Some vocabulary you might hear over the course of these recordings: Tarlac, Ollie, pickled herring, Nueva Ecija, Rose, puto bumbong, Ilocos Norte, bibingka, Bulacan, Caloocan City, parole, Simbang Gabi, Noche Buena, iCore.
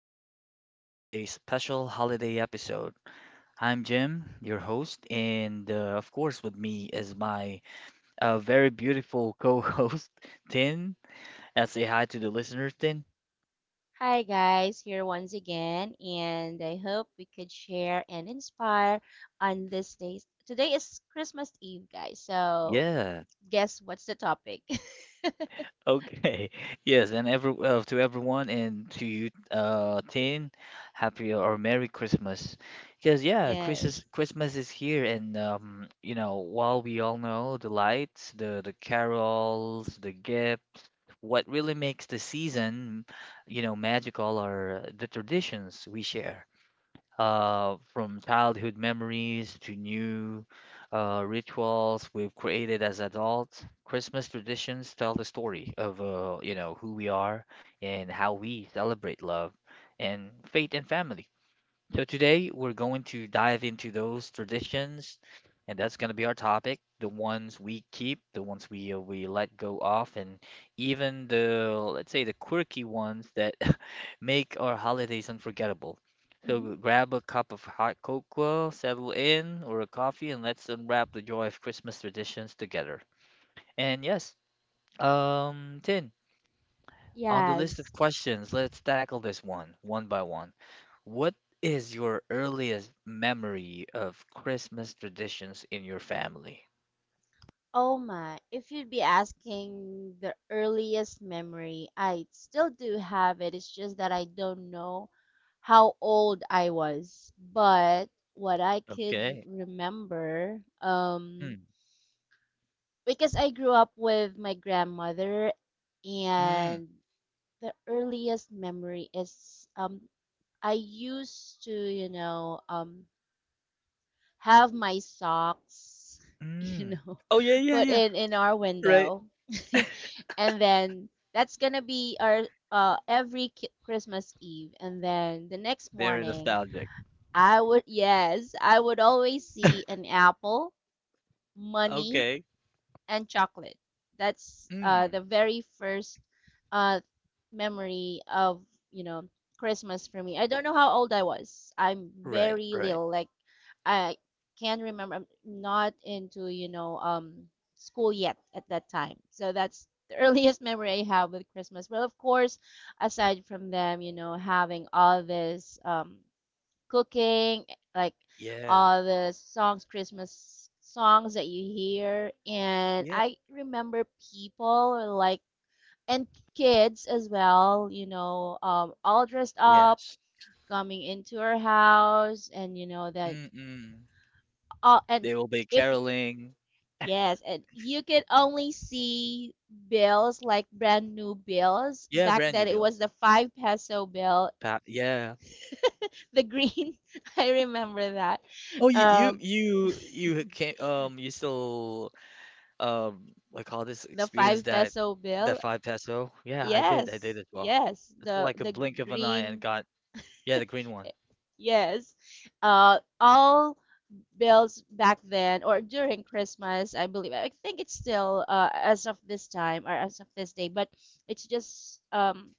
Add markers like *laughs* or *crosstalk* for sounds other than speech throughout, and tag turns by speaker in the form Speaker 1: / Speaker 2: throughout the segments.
Speaker 1: welcome to today's special holiday episode. I'm Jim, your host, and of course, with me is my very beautiful co host, *laughs* Tin. Say hi to the listeners, Tin.
Speaker 2: Hi, guys, here once again, and I hope we could share and inspire on this day. Today is Christmas Eve, guys, so
Speaker 1: Yeah.
Speaker 2: guess what's the topic? *laughs*
Speaker 1: Okay. *laughs* Yes, and every to everyone and to you, Tin, happy or Merry Christmas. Because yeah,
Speaker 2: Yes.
Speaker 1: Christmas is here, and you know, while we all know the lights, the carols, the gifts, what really makes the season, you know, magical are the traditions we share from childhood memories to new rituals we've created as adults. Christmas traditions tell the story of you know who we are and how we celebrate love and faith and family. So today we're going to dive into those traditions, and that's going to be our topic, the ones we keep, the ones we let go of, and even the let's say the quirky ones that *laughs* make our holidays unforgettable. So
Speaker 2: hmm
Speaker 1: grab a cup of hot cocoa, settle in, or a coffee, and let's unwrap the joy of Christmas traditions together. And yes, Tin, on the list
Speaker 2: Yes.
Speaker 1: of questions, let's tackle this one by one. What is your earliest memory of Christmas traditions in your family?
Speaker 2: Oh my. If you'd be asking the earliest memory, I still do have it. It's just that I don't know how old I was. But what I could
Speaker 1: Okay.
Speaker 2: remember,
Speaker 1: Mm,
Speaker 2: because I grew up with my grandmother,
Speaker 1: mm,
Speaker 2: and the earliest memory is I used to have my socks *laughs* you
Speaker 1: mm.
Speaker 2: know
Speaker 1: Oh yeah, yeah,
Speaker 2: put
Speaker 1: yeah.
Speaker 2: in our
Speaker 1: Right.
Speaker 2: window, *laughs* and then that's gonna be our Christmas Eve, and then the next
Speaker 1: Very
Speaker 2: morning
Speaker 1: nostalgic.
Speaker 2: I would I would always see an apple, money,
Speaker 1: Okay.
Speaker 2: and chocolate. That's
Speaker 1: Mm.
Speaker 2: the very first uh, memory of you know Christmas for me. I don't know how old I was. I'm
Speaker 1: Right,
Speaker 2: very
Speaker 1: right.
Speaker 2: little. Like I can remember. I'm not into school yet at that time. So that's the *laughs* earliest memory I have with Christmas. Well, of course, aside from them, you know, having all this. Cooking, like
Speaker 1: Yeah.
Speaker 2: all the songs, Christmas songs that you hear. And
Speaker 1: Yeah.
Speaker 2: I remember people were like and kids as well, all dressed up,
Speaker 1: Yes.
Speaker 2: coming into our house, and you know that
Speaker 1: Mm-mm.
Speaker 2: all and
Speaker 1: They will be
Speaker 2: if
Speaker 1: caroling.
Speaker 2: yes, and you could only see bills like brand new bills
Speaker 1: Yeah,
Speaker 2: back
Speaker 1: brand new
Speaker 2: then. It was
Speaker 1: builds.
Speaker 2: the 5 peso bill,
Speaker 1: Pa yeah.
Speaker 2: the green. *laughs* I remember that.
Speaker 1: Oh, you you
Speaker 2: um
Speaker 1: you you came you still I call this
Speaker 2: The
Speaker 1: experience
Speaker 2: five
Speaker 1: that
Speaker 2: peso
Speaker 1: that
Speaker 2: bill?
Speaker 1: five peso. Yeah, I did. I did
Speaker 2: Yes,
Speaker 1: as well.
Speaker 2: yes.
Speaker 1: It's
Speaker 2: The
Speaker 1: like a
Speaker 2: the
Speaker 1: blink of an eye and
Speaker 2: green,
Speaker 1: got yeah, the green one.
Speaker 2: yes. All bills back then or during Christmas, I believe. I think it's still as of this time or as of this day, but it's just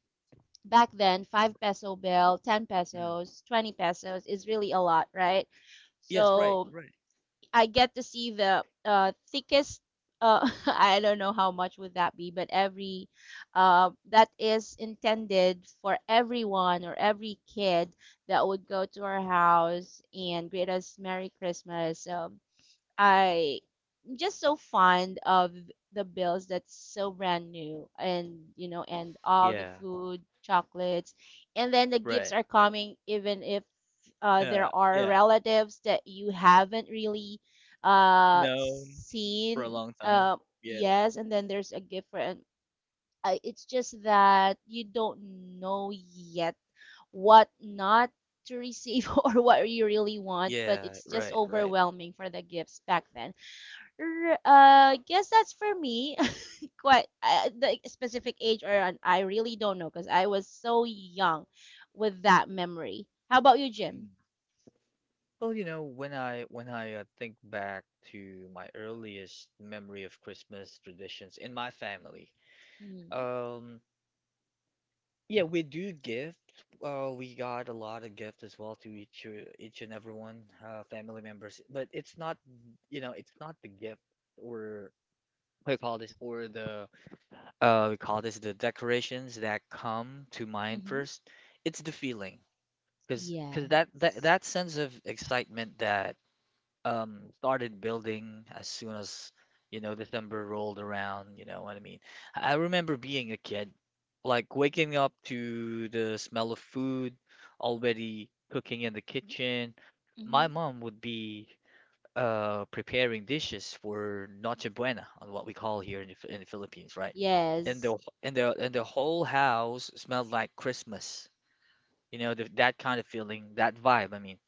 Speaker 2: back then 5 peso bill, ten
Speaker 1: Mm.
Speaker 2: pesos, 20 pesos is really a lot, right?
Speaker 1: Yes, right,
Speaker 2: So
Speaker 1: right.
Speaker 2: I get to see the thickest. *laughs* I don't know how much would that be, but every that is intended for everyone or every kid that would go to our house and greet us Merry Christmas. I I'm just so fond of the bills that's so brand new, and you know, and all the
Speaker 1: Yeah,
Speaker 2: food, chocolates, and then the gifts
Speaker 1: right.
Speaker 2: are coming even if there are
Speaker 1: Yeah.
Speaker 2: relatives that you haven't really
Speaker 1: Known for a
Speaker 2: seen.
Speaker 1: long time. Yeah.
Speaker 2: Yes, and then there's a gift for and I, it's just that you don't know yet what not to receive *laughs* or what you really want, but
Speaker 1: Yeah,
Speaker 2: it's just
Speaker 1: right, right.
Speaker 2: overwhelming for the gifts back then. Guess that's for me. *laughs* Quite the specific age, or an, I really don't know because I was so young with that memory. How about you,
Speaker 1: Mm.
Speaker 2: Jim?
Speaker 1: Well, you know, when I think back to my earliest memory of Christmas traditions in my family,
Speaker 2: Mm-hmm.
Speaker 1: um, yeah, we do gift. We got a lot of gift as well to each and everyone, family members. But it's not, you know, it's not the gift or we call this or the we call this the decorations that come to mind
Speaker 2: Mm-hmm.
Speaker 1: first. It's the feeling, because
Speaker 2: Yes.
Speaker 1: that sense of excitement that started building as soon as you know December rolled around, you know what I mean? I remember being a kid, like waking up to the smell of food, already cooking in the kitchen. My
Speaker 2: Mm-hmm.
Speaker 1: mom would be preparing dishes for Noche Buena, on what we call here in in the Philippines, right? And
Speaker 2: Yes.
Speaker 1: the whole house smelled like Christmas. You know, the, that kind of feeling, that vibe, I mean.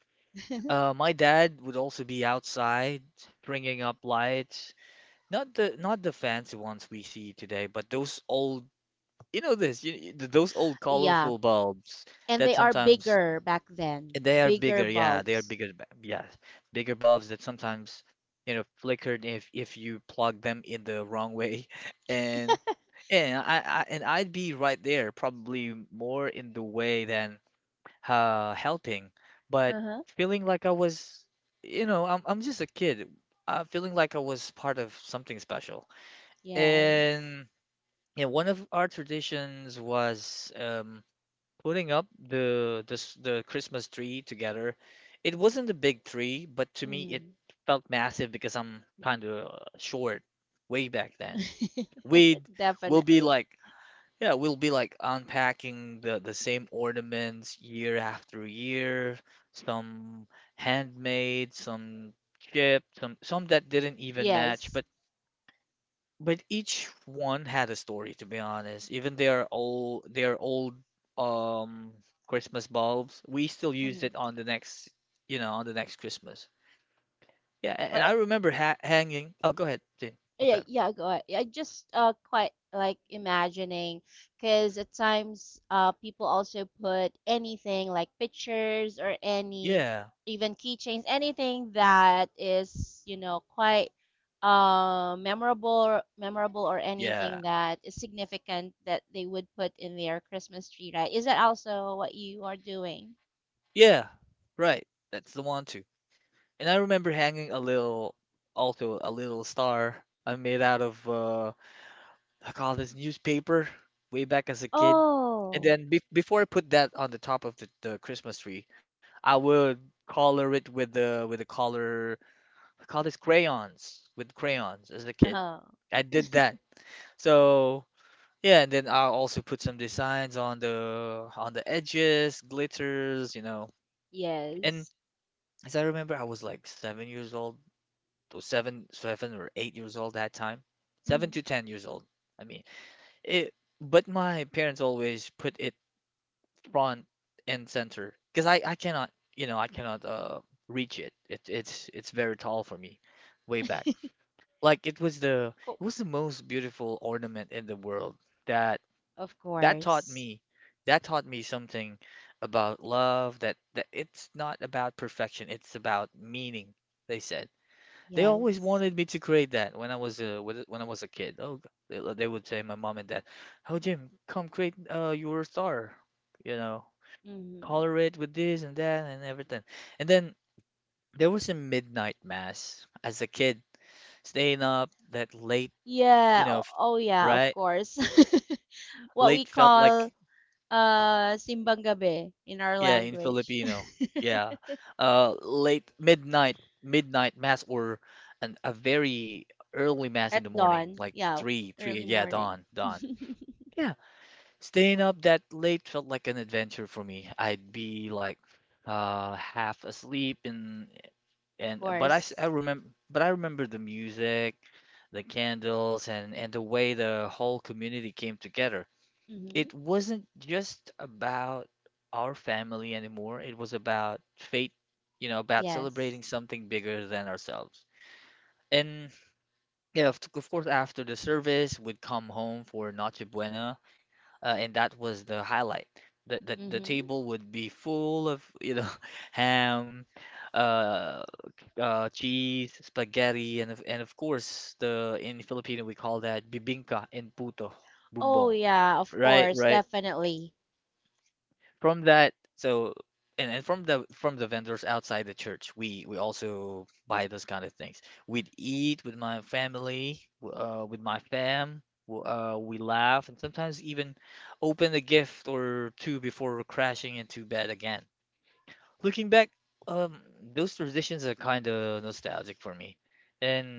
Speaker 1: My dad would also be outside bringing up lights, not the fancy ones we see today, but those old, you know this, you- th- those old
Speaker 2: Yeah.
Speaker 1: colorful bulbs
Speaker 2: And
Speaker 1: that
Speaker 2: they are
Speaker 1: sometimes
Speaker 2: bigger back then.
Speaker 1: and they are
Speaker 2: Bigger
Speaker 1: bigger, yeah, they are
Speaker 2: bulbs.
Speaker 1: bigger, yeah, bigger bulbs that sometimes you know flickered if you plug them in the wrong way, *laughs* and I'd be right there, probably more in the way than helping, but
Speaker 2: Uh huh.
Speaker 1: feeling like I was, you know, I'm just a kid, feeling like I was part of something special.
Speaker 2: Yes.
Speaker 1: And yeah, one of our traditions was putting up the Christmas tree together. It wasn't a big tree, but to me it
Speaker 2: Mm-hmm.
Speaker 1: felt massive because I'm kind of short way back then.
Speaker 2: *laughs*
Speaker 1: We'd we'll be
Speaker 2: Definitely.
Speaker 1: like yeah, we'll be like unpacking the same ornaments year after year, some handmade, some chipped, some that didn't even match,
Speaker 2: Yes.
Speaker 1: but each one had a story to be honest. Even they are old, um Christmas bulbs, we still used
Speaker 2: Mm-hmm.
Speaker 1: it on the next, you know, on the next Christmas. Yeah, and
Speaker 2: Or
Speaker 1: I remember ha hanging. Oh, go ahead, Jane. What's
Speaker 2: yeah,
Speaker 1: up?
Speaker 2: yeah, go ahead. I just quite like imagining because at times people also put anything like pictures or any,
Speaker 1: Yeah.
Speaker 2: even keychains, anything that is, you know, quite memorable or
Speaker 1: Yeah.
Speaker 2: anything that is significant that they would put in their Christmas tree, right? Is that also what you are doing?
Speaker 1: Yeah. Right. That's the one too. And I remember hanging a little, also a little star I made out of I call this newspaper way back as a kid. And
Speaker 2: Oh,
Speaker 1: then be before I put that on the top of the Christmas tree, I would color it with the color I call this crayons with crayons as a kid.
Speaker 2: oh,
Speaker 1: I did that. So yeah, and then I'll also put some designs on the edges, glitters, you know. And
Speaker 2: yes.
Speaker 1: as I remember, I was like 7 years old. So seven, 7 or 8 years old that time, seven
Speaker 2: hmm
Speaker 1: to ten years old. I mean, it. But my parents always put it front and center because I cannot you know I cannot reach it. It's very tall for me, way back.
Speaker 2: *laughs*
Speaker 1: Like
Speaker 2: Cool.
Speaker 1: it was the most beautiful ornament in the world that
Speaker 2: Of
Speaker 1: that taught
Speaker 2: course.
Speaker 1: me that taught me something about love that that it's not about perfection, it's about meaning, they said they always
Speaker 2: Yes.
Speaker 1: wanted me to create that when I was a kid. Oh, they, they would say my mom and dad, "Oh, Jim, come create your star, you know, color
Speaker 2: hmm
Speaker 1: it with this and that and everything." And then there was a midnight mass as a kid, staying up that late, you
Speaker 2: Yeah.
Speaker 1: know,
Speaker 2: Oh, yeah, of
Speaker 1: right?
Speaker 2: course. *laughs* What we
Speaker 1: Late felt
Speaker 2: call
Speaker 1: like
Speaker 2: simbang gabi in our
Speaker 1: yeah, in
Speaker 2: language.
Speaker 1: Filipino, yeah,
Speaker 2: *laughs*
Speaker 1: late midnight mass or a very early mass in the
Speaker 2: At
Speaker 1: morning,
Speaker 2: dawn,
Speaker 1: like
Speaker 2: yeah,
Speaker 1: three, three,
Speaker 2: early
Speaker 1: yeah,
Speaker 2: morning.
Speaker 1: dawn,
Speaker 2: *laughs* Of
Speaker 1: dawn. Yeah, staying up that late felt like an adventure for me. I'd be like half asleep and
Speaker 2: course.
Speaker 1: but I remember the music, the candles and the way the whole community came together.
Speaker 2: Hmm
Speaker 1: It wasn't just about our family anymore. It was about fate, you know, about celebrating
Speaker 2: Yes.
Speaker 1: something bigger than ourselves. And yeah, of course, after the service, we'd come home for Noche Buena and that was the highlight. The
Speaker 2: hmm
Speaker 1: table would be full of you know *laughs* ham, uh, cheese, spaghetti, and of course the in Filipino we call that bibingka and puto,
Speaker 2: Oh,
Speaker 1: bumbong,
Speaker 2: yeah, of
Speaker 1: right?
Speaker 2: course,
Speaker 1: Right
Speaker 2: definitely.
Speaker 1: from that so and from the vendors outside the church we also buy those kind of things we'd eat with my family with my we laugh and sometimes even open a gift or two before crashing into bed again. Looking back, um, those transitions are kind of nostalgic for me,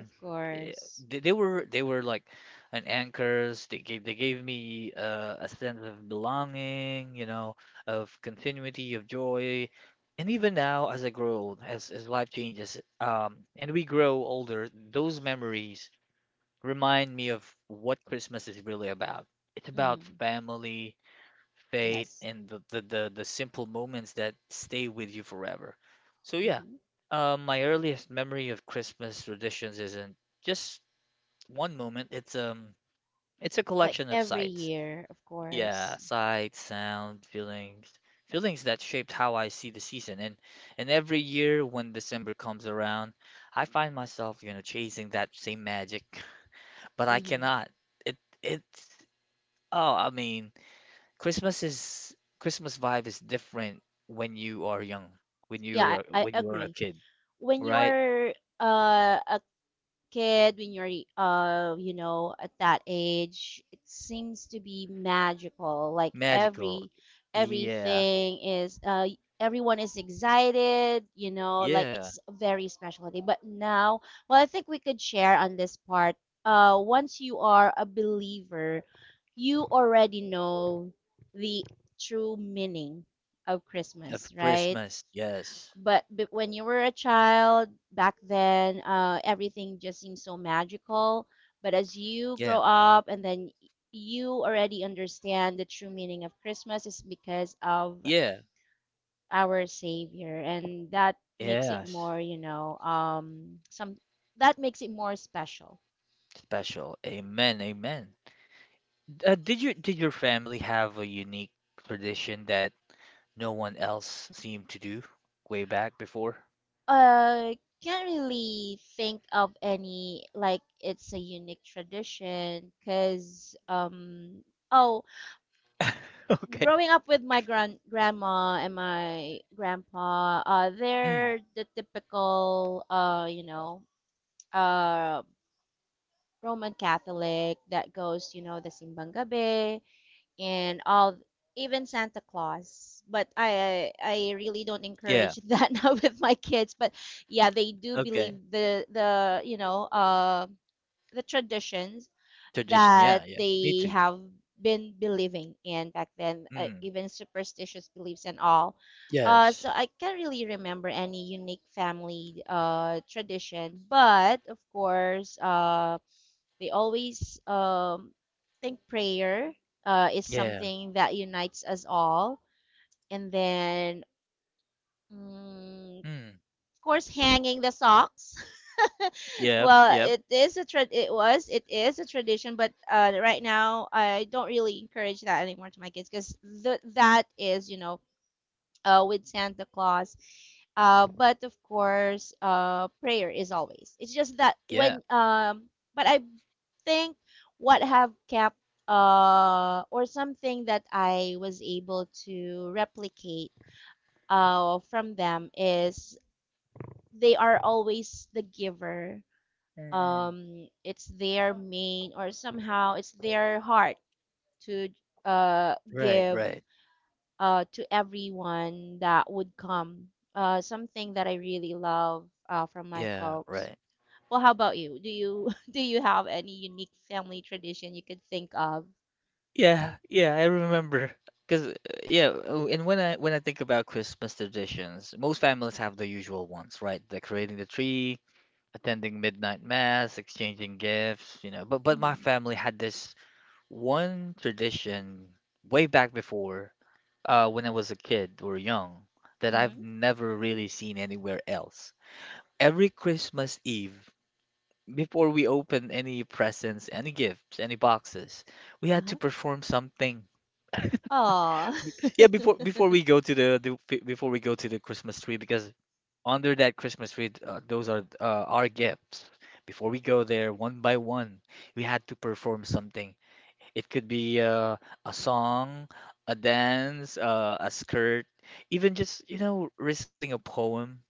Speaker 2: Of
Speaker 1: eh,
Speaker 2: course.
Speaker 1: they were like an anchors. They gave me a sense of belonging, you know, of continuity, of joy. And even now, as I grow old, as life changes, and we grow older, those memories remind me of what Christmas is really about. It's about
Speaker 2: Hmm
Speaker 1: family, fate
Speaker 2: Yes.
Speaker 1: and the simple moments that stay with you forever. So yeah,
Speaker 2: hmm
Speaker 1: my earliest memory of Christmas traditions isn't just one moment. It's a
Speaker 2: Like
Speaker 1: collection of
Speaker 2: every
Speaker 1: sights.
Speaker 2: year, of
Speaker 1: Yeah,
Speaker 2: course.
Speaker 1: sights, sound, feelings that shaped how I see the season. And every year when December comes around, I find myself, you know, chasing that same magic, *laughs* but I
Speaker 2: Hmm
Speaker 1: cannot. It it's oh, I mean. Christmas vibe is different when you are young,
Speaker 2: Yeah, I
Speaker 1: when you are a
Speaker 2: agree.
Speaker 1: kid,
Speaker 2: When you
Speaker 1: right?
Speaker 2: are a kid, when you're you know, at that age, it seems to be magical. Like
Speaker 1: Magical. Yeah.
Speaker 2: everything is everyone is excited, you know, like
Speaker 1: Yeah.
Speaker 2: it's a very special day. But now, well, I think we could share on this part. Once you are a believer, you already know the true meaning of
Speaker 1: Of
Speaker 2: Christmas, right?
Speaker 1: Christmas. Yes.
Speaker 2: But when you were a child back then, everything just seemed so magical. But as you grow
Speaker 1: Yeah.
Speaker 2: up and then you already understand the true meaning of Christmas is because of
Speaker 1: Yeah.
Speaker 2: our Savior, and that makes it
Speaker 1: Yes.
Speaker 2: more, you know, some that makes it more special.
Speaker 1: Special. Amen. Amen. Did your family have a unique tradition that no one else seemed to do way back before?
Speaker 2: Uh, can't really think of any like it's a unique tradition because oh
Speaker 1: *laughs* Okay.
Speaker 2: growing up with my grandma and my grandpa,
Speaker 1: Mm,
Speaker 2: they're the typical, you know, uh, Roman Catholic that goes, you know, the Simbang Gabi and all, even Santa Claus. But I really don't
Speaker 1: yeah.
Speaker 2: encourage *laughs* that now with my kids. But yeah, they do
Speaker 1: Okay.
Speaker 2: believe you know, the traditions
Speaker 1: Tradition.
Speaker 2: that
Speaker 1: Yeah. Yeah. Me
Speaker 2: they
Speaker 1: too.
Speaker 2: have been believing in back then,
Speaker 1: Mm,
Speaker 2: even superstitious beliefs and all.
Speaker 1: yes.
Speaker 2: So I can't really remember any unique family tradition, but of course, they always think prayer is
Speaker 1: Yeah.
Speaker 2: something that unites us all. And then, of
Speaker 1: Mm.
Speaker 2: course, hanging the socks. *laughs*
Speaker 1: Yep,
Speaker 2: Well,
Speaker 1: yep,
Speaker 2: it is a trad. It was. It is a tradition, but right now I don't really encourage that anymore to my kids because that is, you know, with Santa Claus. But of course, prayer is always. It's just that
Speaker 1: yeah.
Speaker 2: when but I think what have kept or something that I was able to replicate from them is they are always the giver.
Speaker 1: Mm-mm.
Speaker 2: It's their main, or somehow it's their heart to
Speaker 1: Right,
Speaker 2: give
Speaker 1: right.
Speaker 2: to everyone that would come, something that I really love from my
Speaker 1: Yeah,
Speaker 2: folks.
Speaker 1: right.
Speaker 2: Well, how about you? Do you *laughs* Do you have any unique family tradition you could think of?
Speaker 1: Yeah, yeah, I remember. 'Cause yeah, oh, and when I think about Christmas traditions, most families have the usual ones, right? Decorating the tree, attending midnight mass, exchanging gifts, you know. But my
Speaker 2: Mm-hmm.
Speaker 1: family had this one tradition way back before, when I was a kid or young, that I've
Speaker 2: Mm-hmm.
Speaker 1: never really seen anywhere else. Every Christmas Eve, before we opened any presents, any gifts, any boxes, we had to
Speaker 2: Uh-huh.
Speaker 1: perform something.
Speaker 2: Oh.
Speaker 1: *laughs* Yeah,
Speaker 2: *laughs*
Speaker 1: before we go to before we go to the Christmas tree, because under that Christmas tree, those are our gifts. Before we go there, one by one, we had to perform something. It could be a song, a dance, a skirt, even just, you know, reciting a poem.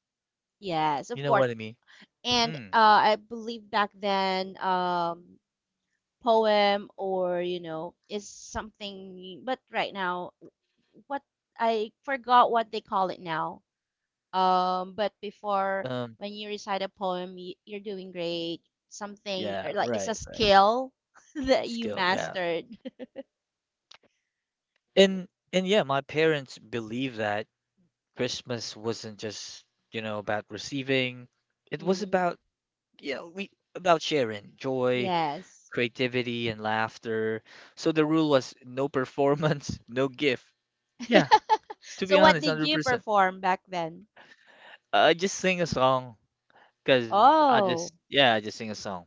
Speaker 2: Yes,
Speaker 1: You
Speaker 2: of
Speaker 1: know
Speaker 2: course.
Speaker 1: what I mean?
Speaker 2: And
Speaker 1: Mm,
Speaker 2: I believe back then poem or you know is something, but right now what I forgot what they call it now. But before
Speaker 1: um,
Speaker 2: when you recite a poem, you're doing great. Something
Speaker 1: yeah,
Speaker 2: or like it's a
Speaker 1: right, right.
Speaker 2: skill *laughs* that you
Speaker 1: Skill, yeah.
Speaker 2: mastered.
Speaker 1: And yeah, my parents believe that Christmas wasn't just, you know, about receiving.
Speaker 2: *laughs*
Speaker 1: It was
Speaker 2: hmm
Speaker 1: about, you know, we about sharing joy,
Speaker 2: Yes.
Speaker 1: creativity, and laughter. So the rule was no performance, *laughs* no gift. Yeah,
Speaker 2: *laughs*
Speaker 1: to be
Speaker 2: So what
Speaker 1: honest,
Speaker 2: did you
Speaker 1: 100%.
Speaker 2: perform back then?
Speaker 1: I just sing a song because
Speaker 2: Oh.
Speaker 1: yeah, I just sing a song.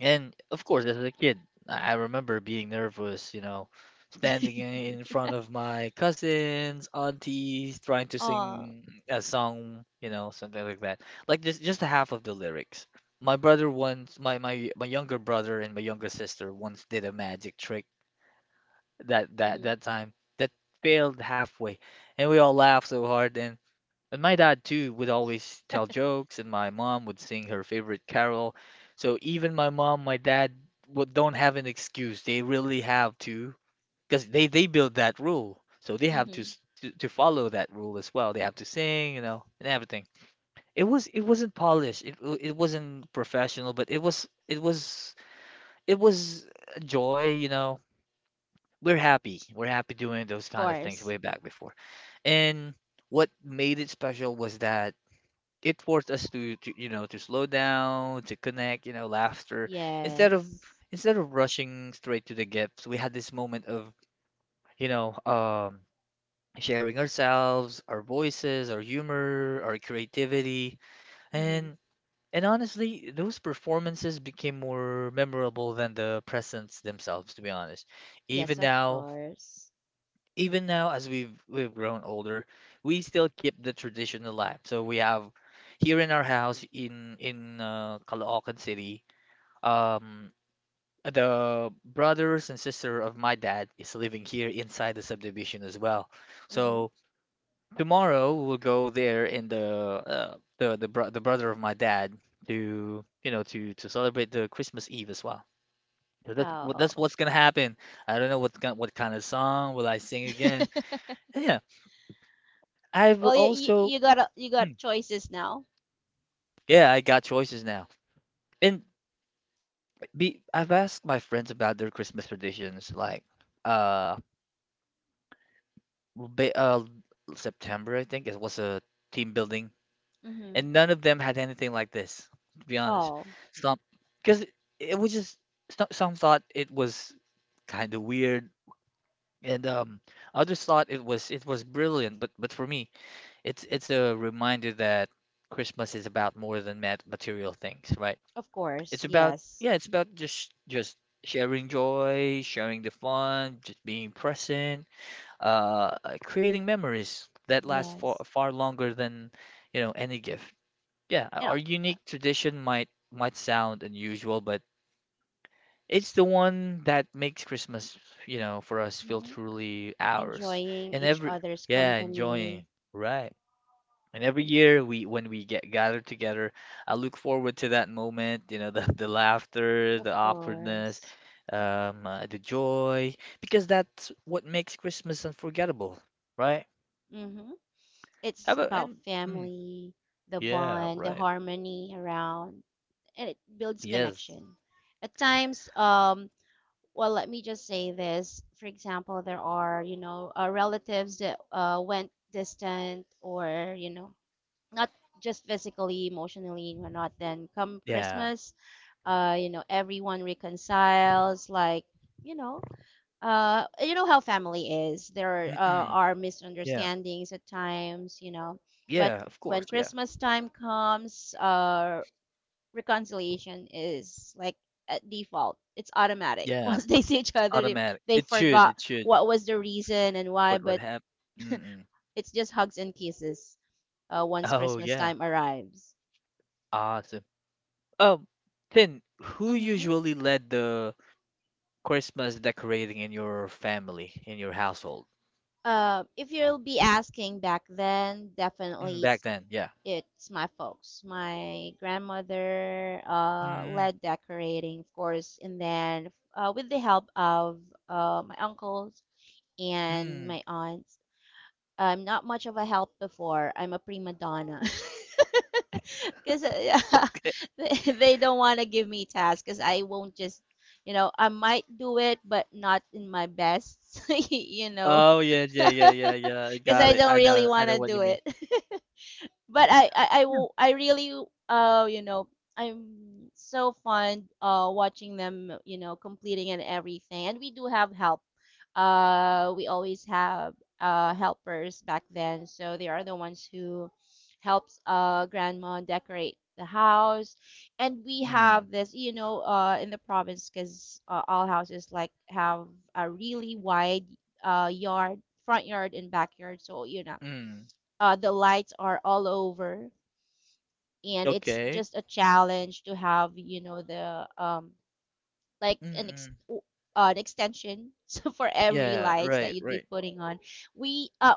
Speaker 1: And of course, as a kid, I remember being nervous, you know, standing in
Speaker 2: *laughs*
Speaker 1: front of my cousins, aunties, trying to
Speaker 2: Oh.
Speaker 1: sing a song, you know, something like that. Like just half of the lyrics. My brother once, my younger brother and my younger sister once did a magic trick that that
Speaker 2: hmm
Speaker 1: that time that failed halfway, and we all laughed so hard. And my dad too would always tell jokes, and my mom would sing her favorite carol. So even my mom, my dad would don't have an excuse. They really have to, because they build that rule, so they have to,
Speaker 2: hmm
Speaker 1: to follow that rule as well. They have to sing, you know, and everything. It wasn't polished. It wasn't professional, but it was a joy, you know. We're happy. We're happy doing those
Speaker 2: Of
Speaker 1: kind of things
Speaker 2: course.
Speaker 1: way back before. And what made it special was that it forced us to, you know to slow down to connect, you know, laughter instead of
Speaker 2: Yes.
Speaker 1: instead of rushing straight to the gifts. We had this moment of, you know, sharing ourselves, our voices, our humor, our creativity.
Speaker 2: hmm
Speaker 1: And and honestly, those performances became more memorable than the presents themselves, to be honest.
Speaker 2: Yes,
Speaker 1: Even
Speaker 2: of
Speaker 1: now,
Speaker 2: course.
Speaker 1: even now, as we've grown older, we still keep the tradition alive. So we have, here in our house in Caloocan City, um the brothers and sister of my dad is living here inside the subdivision as well.
Speaker 2: Mm-hmm.
Speaker 1: So tomorrow we'll go there in the the brother of my dad to, you know, to celebrate the Christmas Eve as well. So
Speaker 2: Oh.
Speaker 1: that's
Speaker 2: *laughs*
Speaker 1: what's gonna happen. I don't know what kind of song will I sing again. Yeah. I've
Speaker 2: Well,
Speaker 1: also,
Speaker 2: you got a, you got
Speaker 1: Mm,
Speaker 2: choices now.
Speaker 1: yeah, I got choices now. And I've asked my friends about their Christmas traditions, like uh, ba September, I think it was a team building,
Speaker 2: Mm-hmm.
Speaker 1: and none of them had anything like this, to be honest.
Speaker 2: Oh,
Speaker 1: Some, because it was just some thought it was kind of weird, and others thought it was brilliant. But for me, it's a reminder that Christmas is about more than material things, right?
Speaker 2: of
Speaker 1: It's
Speaker 2: course.
Speaker 1: about,
Speaker 2: Yes.
Speaker 1: yeah, it's about just sharing joy, sharing the fun, just being present, creating memories that last for
Speaker 2: Yes.
Speaker 1: far longer than, you know, any gift. Yeah,
Speaker 2: And uh,
Speaker 1: our unique tradition might sound unusual, but it's the one that makes Christmas, you know, for us, feel
Speaker 2: hmm,
Speaker 1: truly ours.
Speaker 2: enjoying
Speaker 1: And
Speaker 2: each
Speaker 1: every
Speaker 2: other's
Speaker 1: Yeah, enjoying,
Speaker 2: company.
Speaker 1: right. And every year, we when we get gathered together, I look forward to that moment, you know, *laughs* the laughter, the
Speaker 2: Of
Speaker 1: awkwardness,
Speaker 2: course.
Speaker 1: the joy, because that's what makes Christmas unforgettable, right?
Speaker 2: Mm-hmm. It's
Speaker 1: Have a
Speaker 2: about
Speaker 1: and mm,
Speaker 2: family, the
Speaker 1: yeah,
Speaker 2: bond, the
Speaker 1: right.
Speaker 2: harmony around, and it builds
Speaker 1: Yes.
Speaker 2: connection. At times, well, let me just say this. For example, there are, you know, relatives that went distant, or, you know, not just physically, emotionally, or not. Then come
Speaker 1: Yeah.
Speaker 2: Christmas, you know, everyone reconciles, like, you know, you know how family is. There
Speaker 1: Mm-mm.
Speaker 2: are
Speaker 1: Yeah.
Speaker 2: misunderstandings at times, you know, but
Speaker 1: Yeah, of course.
Speaker 2: when
Speaker 1: Yeah.
Speaker 2: Christmas time comes, reconciliation is like at default. It's automatic. *laughs*
Speaker 1: Yeah.
Speaker 2: Once they see each
Speaker 1: It's
Speaker 2: other,
Speaker 1: automatic.
Speaker 2: they
Speaker 1: It should.
Speaker 2: forgot
Speaker 1: It should.
Speaker 2: what was the reason and why,
Speaker 1: What
Speaker 2: but
Speaker 1: happened? Mm-mm.
Speaker 2: it's just hugs and kisses once
Speaker 1: Oh
Speaker 2: Christmas
Speaker 1: yeah.
Speaker 2: time arrives.
Speaker 1: Awesome. Um, Then who
Speaker 2: Hmm
Speaker 1: usually led the Christmas decorating in your family, in your household?
Speaker 2: If you'll be asking back then,
Speaker 1: Mm,
Speaker 2: definitely
Speaker 1: back then, yeah.
Speaker 2: it's my folks. My grandmother
Speaker 1: Mm,
Speaker 2: led decorating, of course, and then with the help of my uncles and
Speaker 1: mm.
Speaker 2: my aunt. I'm not much of a help before. I'm a prima donna. *laughs* Because *laughs* they don't want to give me tasks because I won't just, you know, I might do it, but not in my best, *laughs* you know,
Speaker 1: Oh yeah, yeah, yeah, yeah, yeah. I
Speaker 2: *laughs* because
Speaker 1: got
Speaker 2: I
Speaker 1: it.
Speaker 2: don't really
Speaker 1: I
Speaker 2: want
Speaker 1: know
Speaker 2: to
Speaker 1: what you
Speaker 2: do
Speaker 1: mean.
Speaker 2: it. *laughs* But
Speaker 1: Yeah.
Speaker 2: I really you know, I'm so fond watching them, you know, completing and everything. And we do have help. We always have helpers back then, so they are the ones who helps grandma decorate the house. And we
Speaker 1: Mm,
Speaker 2: have this, you know, in the province, because all houses like have a really wide yard, front yard and backyard, so you know,
Speaker 1: mm.
Speaker 2: the lights are all over, and it's
Speaker 1: Okay.
Speaker 2: just a challenge to have you know the like
Speaker 1: Mm,
Speaker 2: an ex-
Speaker 1: mm.
Speaker 2: an extension *laughs* so for every
Speaker 1: Yeah.
Speaker 2: lights that
Speaker 1: Right.
Speaker 2: you'd be
Speaker 1: Right.
Speaker 2: putting on, we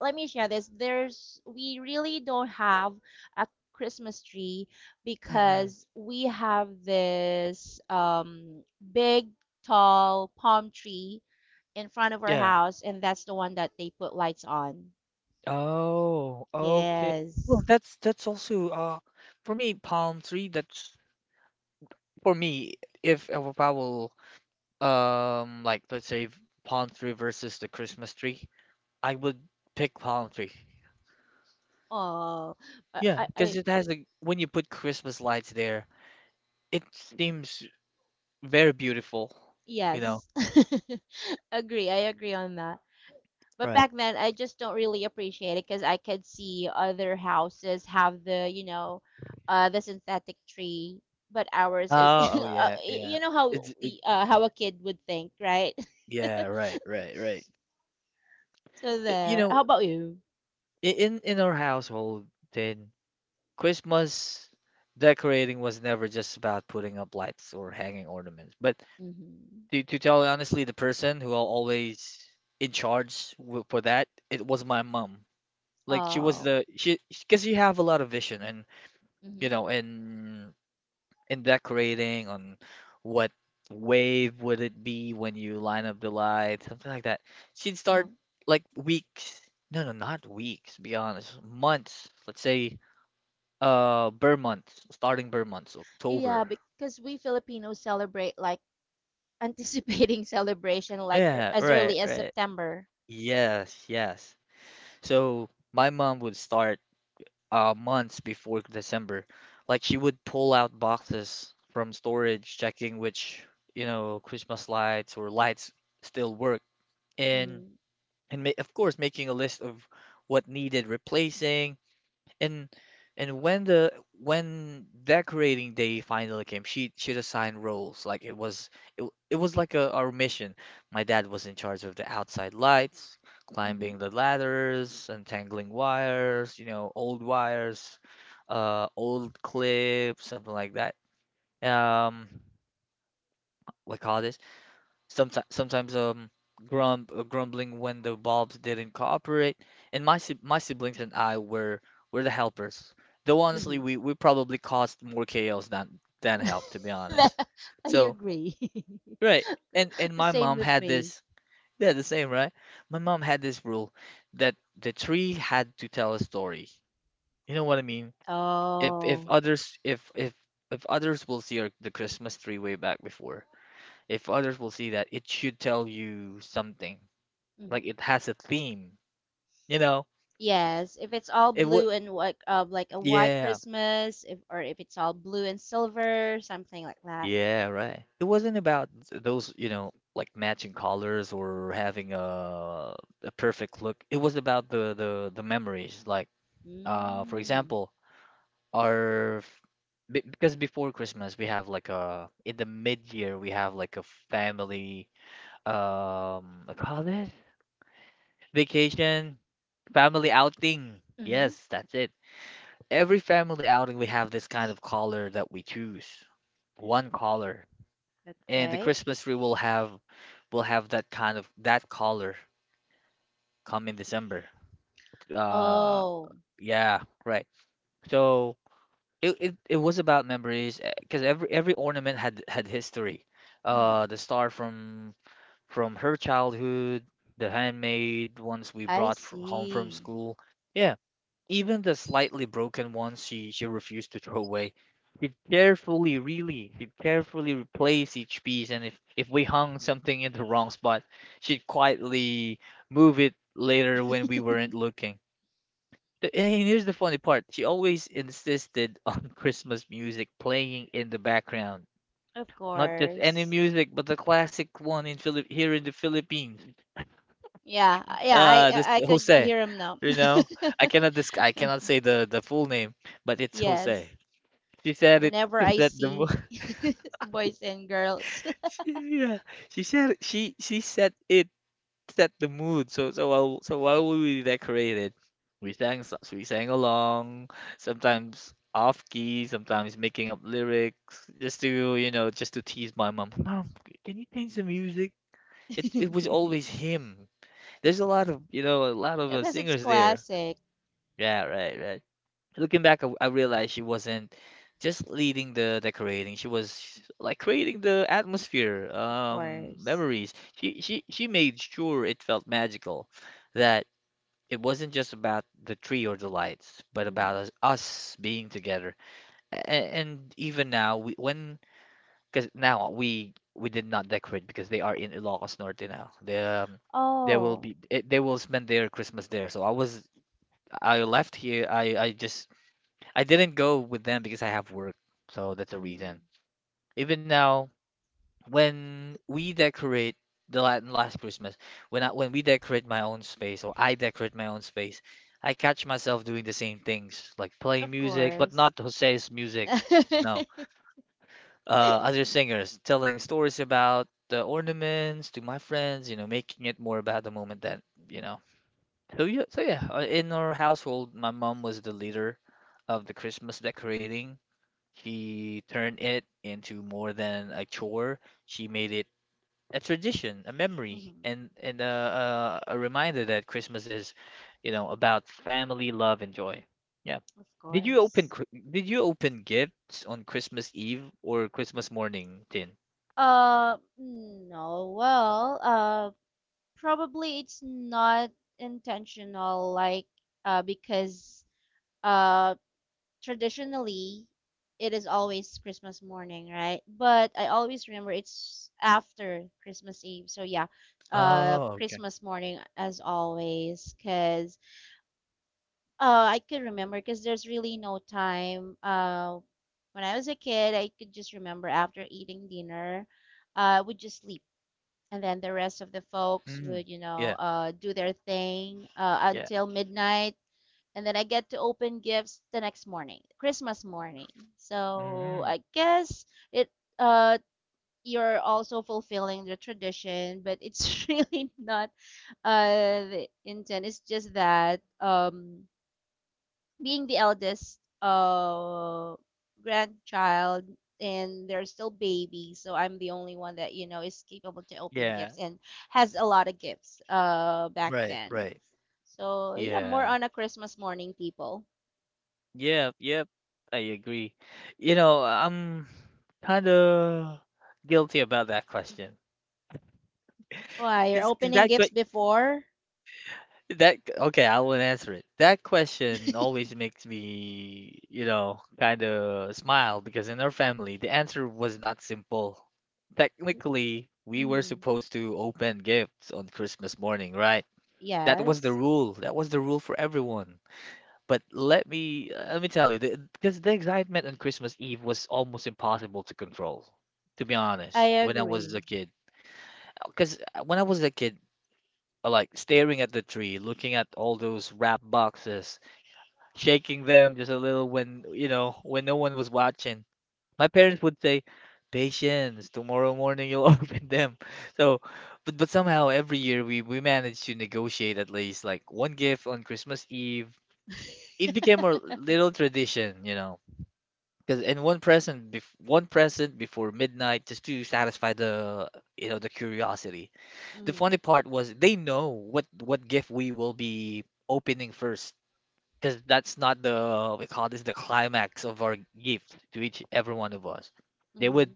Speaker 2: let me share this, there's we really don't have a christmas tree
Speaker 1: Mm, mm.
Speaker 2: because we have this big tall palm tree in front of our
Speaker 1: Yeah.
Speaker 2: house, and that's the one that they put lights on.
Speaker 1: Oh. Okay.
Speaker 2: Yes.
Speaker 1: Well, that's also for me, palm tree. That's for me, if I will, like, let's say palm tree versus the Christmas tree, I would pick palm tree.
Speaker 2: Oh,
Speaker 1: Yeah, because
Speaker 2: I
Speaker 1: it has a, when you put Christmas lights there, it seems very beautiful, you know.
Speaker 2: yes. *laughs* Agree. I agree on that. But
Speaker 1: Right.
Speaker 2: back then, I just don't really appreciate it because I could see other houses have the, you know, the synthetic tree, but ours is, *laughs*
Speaker 1: Oh, oh yeah, yeah.
Speaker 2: you know how
Speaker 1: It's it,
Speaker 2: we, how a kid would think, right? *laughs*
Speaker 1: yeah, right, right, right.
Speaker 2: So
Speaker 1: Y- You
Speaker 2: there.
Speaker 1: know,
Speaker 2: How about you?
Speaker 1: in our household, then Christmas decorating was never just about putting up lights or hanging ornaments. But
Speaker 2: Mm-hmm.
Speaker 1: to tell you honestly, the person who always in charge for that, it was my mom. Like, she was
Speaker 2: Oh.
Speaker 1: the she, because you have a lot of vision, and you
Speaker 2: Mm-hmm.
Speaker 1: know, and decorating on what wave would it be when you line up the lights, something like that. She'd
Speaker 2: Uh-huh.
Speaker 1: start like weeks, no, no, not weeks, be honest, months, let's say, Burr month, starting Burr months,
Speaker 2: Yeah,
Speaker 1: October.
Speaker 2: because we Filipinos celebrate like anticipating *laughs* celebration like
Speaker 1: Yeah,
Speaker 2: as
Speaker 1: right,
Speaker 2: early as
Speaker 1: right.
Speaker 2: September.
Speaker 1: Yes, yes. So my mom would start months before December. Like, she would pull out boxes from storage, checking which, you know, Christmas lights or lights still work. And
Speaker 2: Mm-hmm.
Speaker 1: and of course, making a list of what needed replacing. And and when the, when decorating day finally came, she'd assign roles. Like it was, it was like a our mission. My dad was in charge of the outside lights, climbing the ladders, untangling wires, you know, old wires, old clips, something like that. Um what call this Sometimes, sometimes grumbling when the bulbs didn't cooperate, and my siblings and I were the helpers. Though honestly,
Speaker 2: Mm-hmm.
Speaker 1: we probably caused more chaos than help, to be honest.
Speaker 2: *laughs* I
Speaker 1: So
Speaker 2: agree.
Speaker 1: right, and
Speaker 2: *laughs* The
Speaker 1: my
Speaker 2: same
Speaker 1: mom
Speaker 2: with
Speaker 1: had
Speaker 2: me.
Speaker 1: this. *laughs* Yeah, the same, right? My mom had this rule that the tree had to tell a story. You know what I mean? If if
Speaker 2: Oh.
Speaker 1: others if if if others will see our, the Christmas tree way back before, if others will see that, it should tell you something. Like,
Speaker 2: hmm
Speaker 1: it has a theme, you know?
Speaker 2: Yes, if it's all
Speaker 1: It would,
Speaker 2: blue and white, like a white
Speaker 1: yeah,
Speaker 2: Christmas, if or if it's all blue and silver, something like that.
Speaker 1: yeah, right. It wasn't about those, you know, like matching colors or having a perfect look. It was about the memories. Like, for
Speaker 2: Mm.
Speaker 1: example, our f- because before Christmas, we have like a, in the mid year, we have like a family, what call this vacation, family outing.
Speaker 2: Mm-hmm.
Speaker 1: Yes, that's it. Every family outing, we have this kind of color that we choose, one color. And the
Speaker 2: Okay.
Speaker 1: Christmas tree will have, that kind of, that color, come in December. Uh
Speaker 2: Oh.
Speaker 1: yeah, right. So it was about memories, because every ornament had history.
Speaker 2: Mm-hmm.
Speaker 1: The star from her childhood, the handmade ones we
Speaker 2: I
Speaker 1: brought from home, from
Speaker 2: see.
Speaker 1: school. Yeah. Even the slightly broken ones, she refused to throw away. She carefully, really, she carefully replaced each piece, and, if we hung something in the wrong spot, she'd quietly move it later when we weren't looking. And here's the funny part, she always insisted on *laughs* Christmas music playing in the background.
Speaker 2: Of
Speaker 1: Not just any
Speaker 2: course.
Speaker 1: music, but the classic one in Philip here in the Philippines,
Speaker 2: Yeah, yeah,
Speaker 1: this
Speaker 2: I could
Speaker 1: Jose,
Speaker 2: hear him now.
Speaker 1: you know. I cannot
Speaker 2: *laughs*
Speaker 1: say the full name, but it's Jose.
Speaker 2: Yes.
Speaker 1: She said it
Speaker 2: Whenever
Speaker 1: to
Speaker 2: I
Speaker 1: set the mood.
Speaker 2: see
Speaker 1: *laughs*
Speaker 2: *laughs* boys and girls.
Speaker 1: She, yeah, she said she set it, set the mood. So, so while we decorated, we sang so- we sang along, sometimes off key, sometimes making up lyrics just to, you know, just to tease my mom. Mom, can you change the music? It was
Speaker 2: *laughs*
Speaker 1: always him. There's a lot of, you know, a lot of
Speaker 2: Because it's
Speaker 1: singers there.
Speaker 2: classic,
Speaker 1: Yeah, right, right. Looking back, I realized she wasn't just leading the decorating. She was like creating the atmosphere,
Speaker 2: of course.
Speaker 1: memories. She made sure it felt magical, that it wasn't just about the tree or the lights, but about
Speaker 2: Hmm.
Speaker 1: us, us being together. A- And, even now, we when because now we did not decorate, because they are in Ilocos Norte now. They will
Speaker 2: Oh,
Speaker 1: be they will spend their Christmas there. So I was, I left here. I just, I didn't go with them because I have work, so that's the reason.
Speaker 2: hmm,
Speaker 1: Even now, when we decorate, last Christmas, when when we decorate my own space, or I decorate my own space, I catch myself doing the same things, like playing
Speaker 2: of
Speaker 1: music, but
Speaker 2: course.
Speaker 1: not Jose's
Speaker 2: *laughs*
Speaker 1: music.
Speaker 2: hmm
Speaker 1: No, uh, other singers, telling stories about the ornaments to my friends, you know, making it more about the moment, you know. So yeah, in our household, my mom was the leader of the Christmas decorating. She turned it into more than a chore. She made it a tradition, a memory, and, a reminder that Christmas is, you know, about family, love, and joy. Yeah.
Speaker 2: Of
Speaker 1: Did you open
Speaker 2: course.
Speaker 1: Did you open gifts on Christmas Eve or Christmas morning, Tin?
Speaker 2: No, well, probably it's not intentional, like, because, uh, traditionally it is always Christmas morning, right? But I always remember it's after Christmas Eve. So yeah,
Speaker 1: Oh, okay.
Speaker 2: Christmas morning as always cuz I could remember cuz there's really no time when I was a kid, I could just remember after eating dinner, I would just sleep. And then the rest of the folks
Speaker 1: Mm,
Speaker 2: would,
Speaker 1: yeah.
Speaker 2: do their thing
Speaker 1: Yeah.
Speaker 2: until midnight, and then I get to open gifts the next morning, Christmas morning. So
Speaker 1: Hmm.
Speaker 2: I guess it uh you're also fulfilling the tradition, but it's *laughs* really not the intent. It's just that being the eldest grandchild, and they're still babies, so I'm the only one that is capable to open
Speaker 1: Yeah.
Speaker 2: gifts and has a lot of gifts back
Speaker 1: Right,
Speaker 2: then.
Speaker 1: right.
Speaker 2: So yeah, more
Speaker 1: Yeah.
Speaker 2: on a Christmas morning people.
Speaker 1: Yep, yep. I agree. You know, I'm kind of guilty about that question.
Speaker 2: Why? You're
Speaker 1: Cause, 'cause
Speaker 2: opening
Speaker 1: that que-
Speaker 2: gifts before?
Speaker 1: that okay, I will answer it. That question
Speaker 2: *laughs*
Speaker 1: always makes me, you know, kind of smile, because in our family, the answer was not simple. Technically, we were
Speaker 2: hmm.
Speaker 1: supposed to open gifts on Christmas morning, right? That was the
Speaker 2: Yes,
Speaker 1: rule. That was the rule for everyone. But let me tell you, because the excitement on Christmas Eve was almost impossible to control, to be
Speaker 2: I
Speaker 1: honest, when I was a
Speaker 2: agree.
Speaker 1: kid. Because when I was a kid, I like staring at the tree, looking at all those wrap boxes, shaking them just a little when no one was watching. My parents would say, "Patience, tomorrow morning you'll *laughs* open them." So, but somehow every year we managed to negotiate at least like one gift on Christmas Eve.
Speaker 2: *laughs*
Speaker 1: It became a little tradition, you know. Because in one present, one present before midnight, just to satisfy the the curiosity. The funny
Speaker 2: hmm.
Speaker 1: part was they know what gift we will be opening first, because that's not the we call this the climax of our gift to each every one of us. They
Speaker 2: Hmm.
Speaker 1: would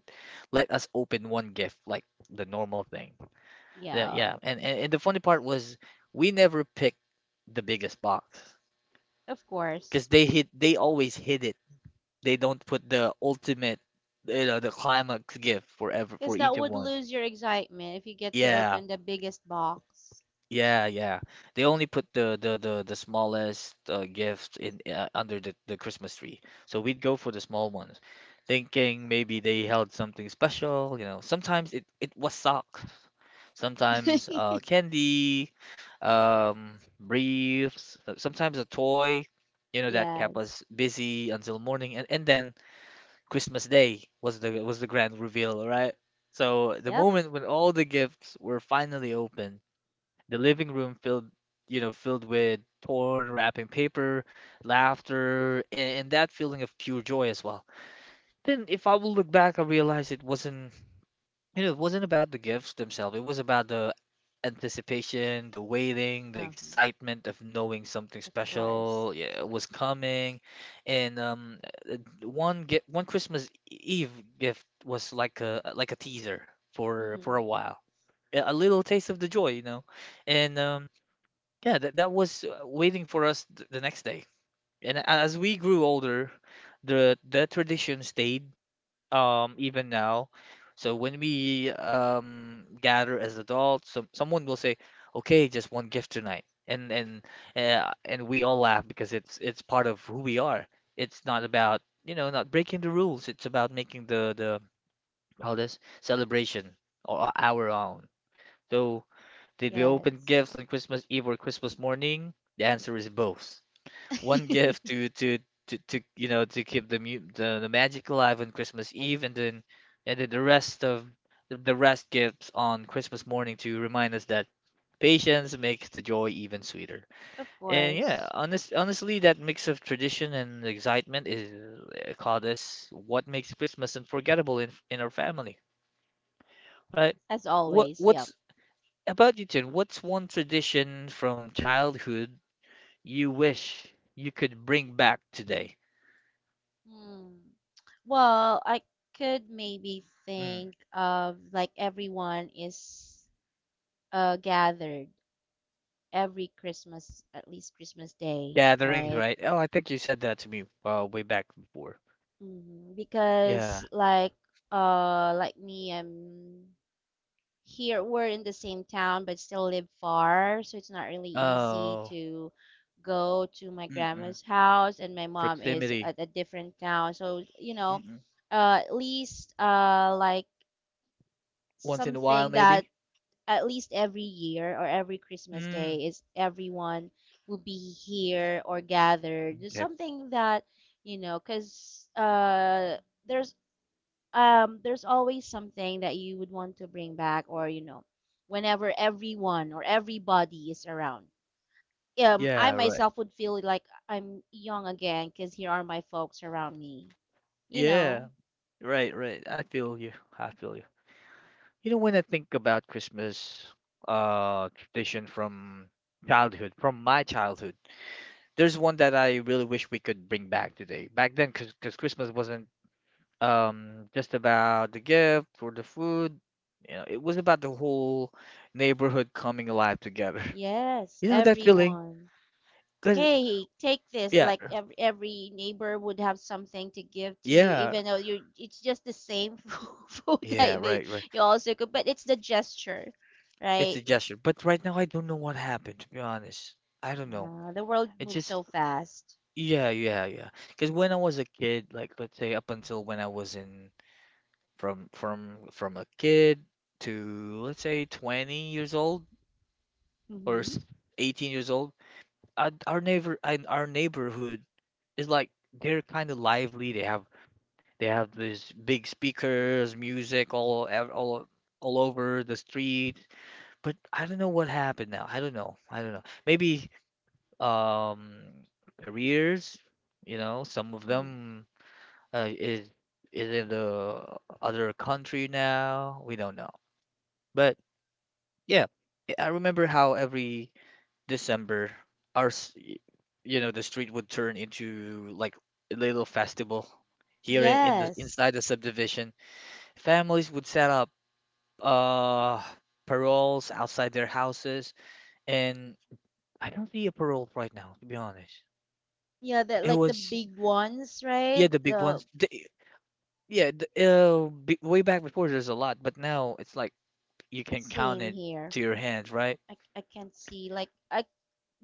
Speaker 1: let us open one gift like the normal thing. Yeah,
Speaker 2: Yeah,
Speaker 1: yeah. And the funny part was we never picked the biggest box
Speaker 2: of
Speaker 1: because
Speaker 2: course.
Speaker 1: they always hid it. They don't put the ultimate, you know, the climax gift for ever for
Speaker 2: Because
Speaker 1: each
Speaker 2: that
Speaker 1: of
Speaker 2: would
Speaker 1: one.
Speaker 2: lose your excitement if you get to
Speaker 1: Yeah,
Speaker 2: open the biggest box.
Speaker 1: yeah, yeah. They only put the smallest gift in under the Christmas tree. So we'd go for the small ones, thinking maybe they held something special. You know, sometimes it was socks, sometimes
Speaker 2: *laughs*
Speaker 1: candy, briefs, sometimes a toy. You know, that kept us
Speaker 2: Yes.
Speaker 1: busy until morning, and then Christmas Day was the grand reveal, right? So the
Speaker 2: Yep.
Speaker 1: moment when all the gifts were finally opened, the living room filled, you know, filled with torn wrapping paper, laughter, and that feeling of pure joy as well. Then, if I will look back, I realize it wasn't, it wasn't about the gifts themselves. It was about the anticipation, the waiting, the
Speaker 2: Uh-huh.
Speaker 1: excitement of knowing something
Speaker 2: Of course.
Speaker 1: special, yeah, was coming. And uh, one gift, one Christmas Eve gift was like a teaser for a
Speaker 2: Hmm.
Speaker 1: while, a little taste of the joy, you know. And yeah, that that was waiting for us th the next day. And as we grew older, the tradition stayed even now. So when we gather as adults, someone will say, "Okay, just one gift tonight," and we all laugh because it's part of who we are. It's not about, you know, not breaking the rules. It's about making the all this celebration or our own. So did we open
Speaker 2: Yes.
Speaker 1: gifts on Christmas Eve or Christmas morning? The answer is both: one gift
Speaker 2: *laughs*
Speaker 1: to you know to keep the, the magic alive on Christmas Eve, and then the rest of the rest gifts on Christmas morning to remind us that patience makes the joy even sweeter.
Speaker 2: Of
Speaker 1: And yeah,
Speaker 2: course.
Speaker 1: honestly, that mix of tradition and excitement is called us what makes Christmas unforgettable in our family, right?
Speaker 2: As
Speaker 1: What
Speaker 2: always. Yep.
Speaker 1: what's about you, Tin? What's one tradition from childhood you wish you could bring back today?
Speaker 2: Hmm. Well, I could maybe
Speaker 1: Hmm.
Speaker 2: think of like everyone is gathered every Christmas, at least Christmas Day,
Speaker 1: Yeah, the rings,
Speaker 2: right?
Speaker 1: right? Oh, I think you said that to me way back before.
Speaker 2: Hmm.
Speaker 1: Yeah.
Speaker 2: Because like me, I'm here. We're in the same town, but still live far, so it's not really easy
Speaker 1: Oh.
Speaker 2: to go to my
Speaker 1: Mm-mm.
Speaker 2: grandma's house, and my mom is
Speaker 1: Proximity.
Speaker 2: at a different town. So,
Speaker 1: Mm-mm.
Speaker 2: at least like
Speaker 1: Once in a while,
Speaker 2: something that
Speaker 1: maybe.
Speaker 2: at least every year or every Christmas day
Speaker 1: Mm.
Speaker 2: is everyone will be here or gathered. There's
Speaker 1: Okay.
Speaker 2: something that, because, there's there's always something that you would want to bring back, or, whenever everyone or everybody is around. I
Speaker 1: Yeah. Right.
Speaker 2: myself would feel like I'm young again because here are my folks around me. You
Speaker 1: Yeah.
Speaker 2: know,
Speaker 1: Right. Right. I feel you. I feel you. You know, when I think about Christmas, tradition from childhood, from my childhood, there's one that I really wish we could bring back today. Back then, because Christmas wasn't just about the gift or the food. You know, it was about the whole neighborhood coming alive together. *laughs*
Speaker 2: yes,
Speaker 1: You know that feeling?
Speaker 2: everyone.
Speaker 1: 'Cause
Speaker 2: Hey, take this,
Speaker 1: yeah,
Speaker 2: like every neighbor would have something to give to you,
Speaker 1: yeah,
Speaker 2: even though you it's just the same *laughs* food
Speaker 1: yeah,
Speaker 2: that they
Speaker 1: right, right.
Speaker 2: you also cook, but it's the gesture,
Speaker 1: It's
Speaker 2: right?
Speaker 1: a gesture. But right now I don't know what happened, to be honest. I don't know.
Speaker 2: The world
Speaker 1: It
Speaker 2: moves
Speaker 1: just
Speaker 2: so fast.
Speaker 1: yeah, yeah, yeah. 'Cause when I was a kid, like let's say up until when I was in, from a kid to let's say 20 years old or
Speaker 2: Mm-hmm,
Speaker 1: s- 18 years old, our neighbor and our neighborhood is like they're kind of lively. They have these big speakers, music all ev- all over the street. But I don't know what happened now. I don't know. I don't know. Maybe um careers, you know, some of
Speaker 2: mm-hmm.
Speaker 1: them uh, is is in the other country now. We don't know. But yeah, I remember how every December, our s- y- you know, the street would turn into like a little festival here in the
Speaker 2: Yes.
Speaker 1: inside the subdivision. Families would set up uh paroles outside their houses, and I don't see a parole right now, to be honest.
Speaker 2: Yeah, the
Speaker 1: It
Speaker 2: like the
Speaker 1: was,
Speaker 2: big ones, right?
Speaker 1: yeah, the big
Speaker 2: the
Speaker 1: ones. The, yeah, the, b Way back before there's a lot, but now it's like you can count
Speaker 2: Same
Speaker 1: it
Speaker 2: here.
Speaker 1: to your hands, right?
Speaker 2: I can't see, like, I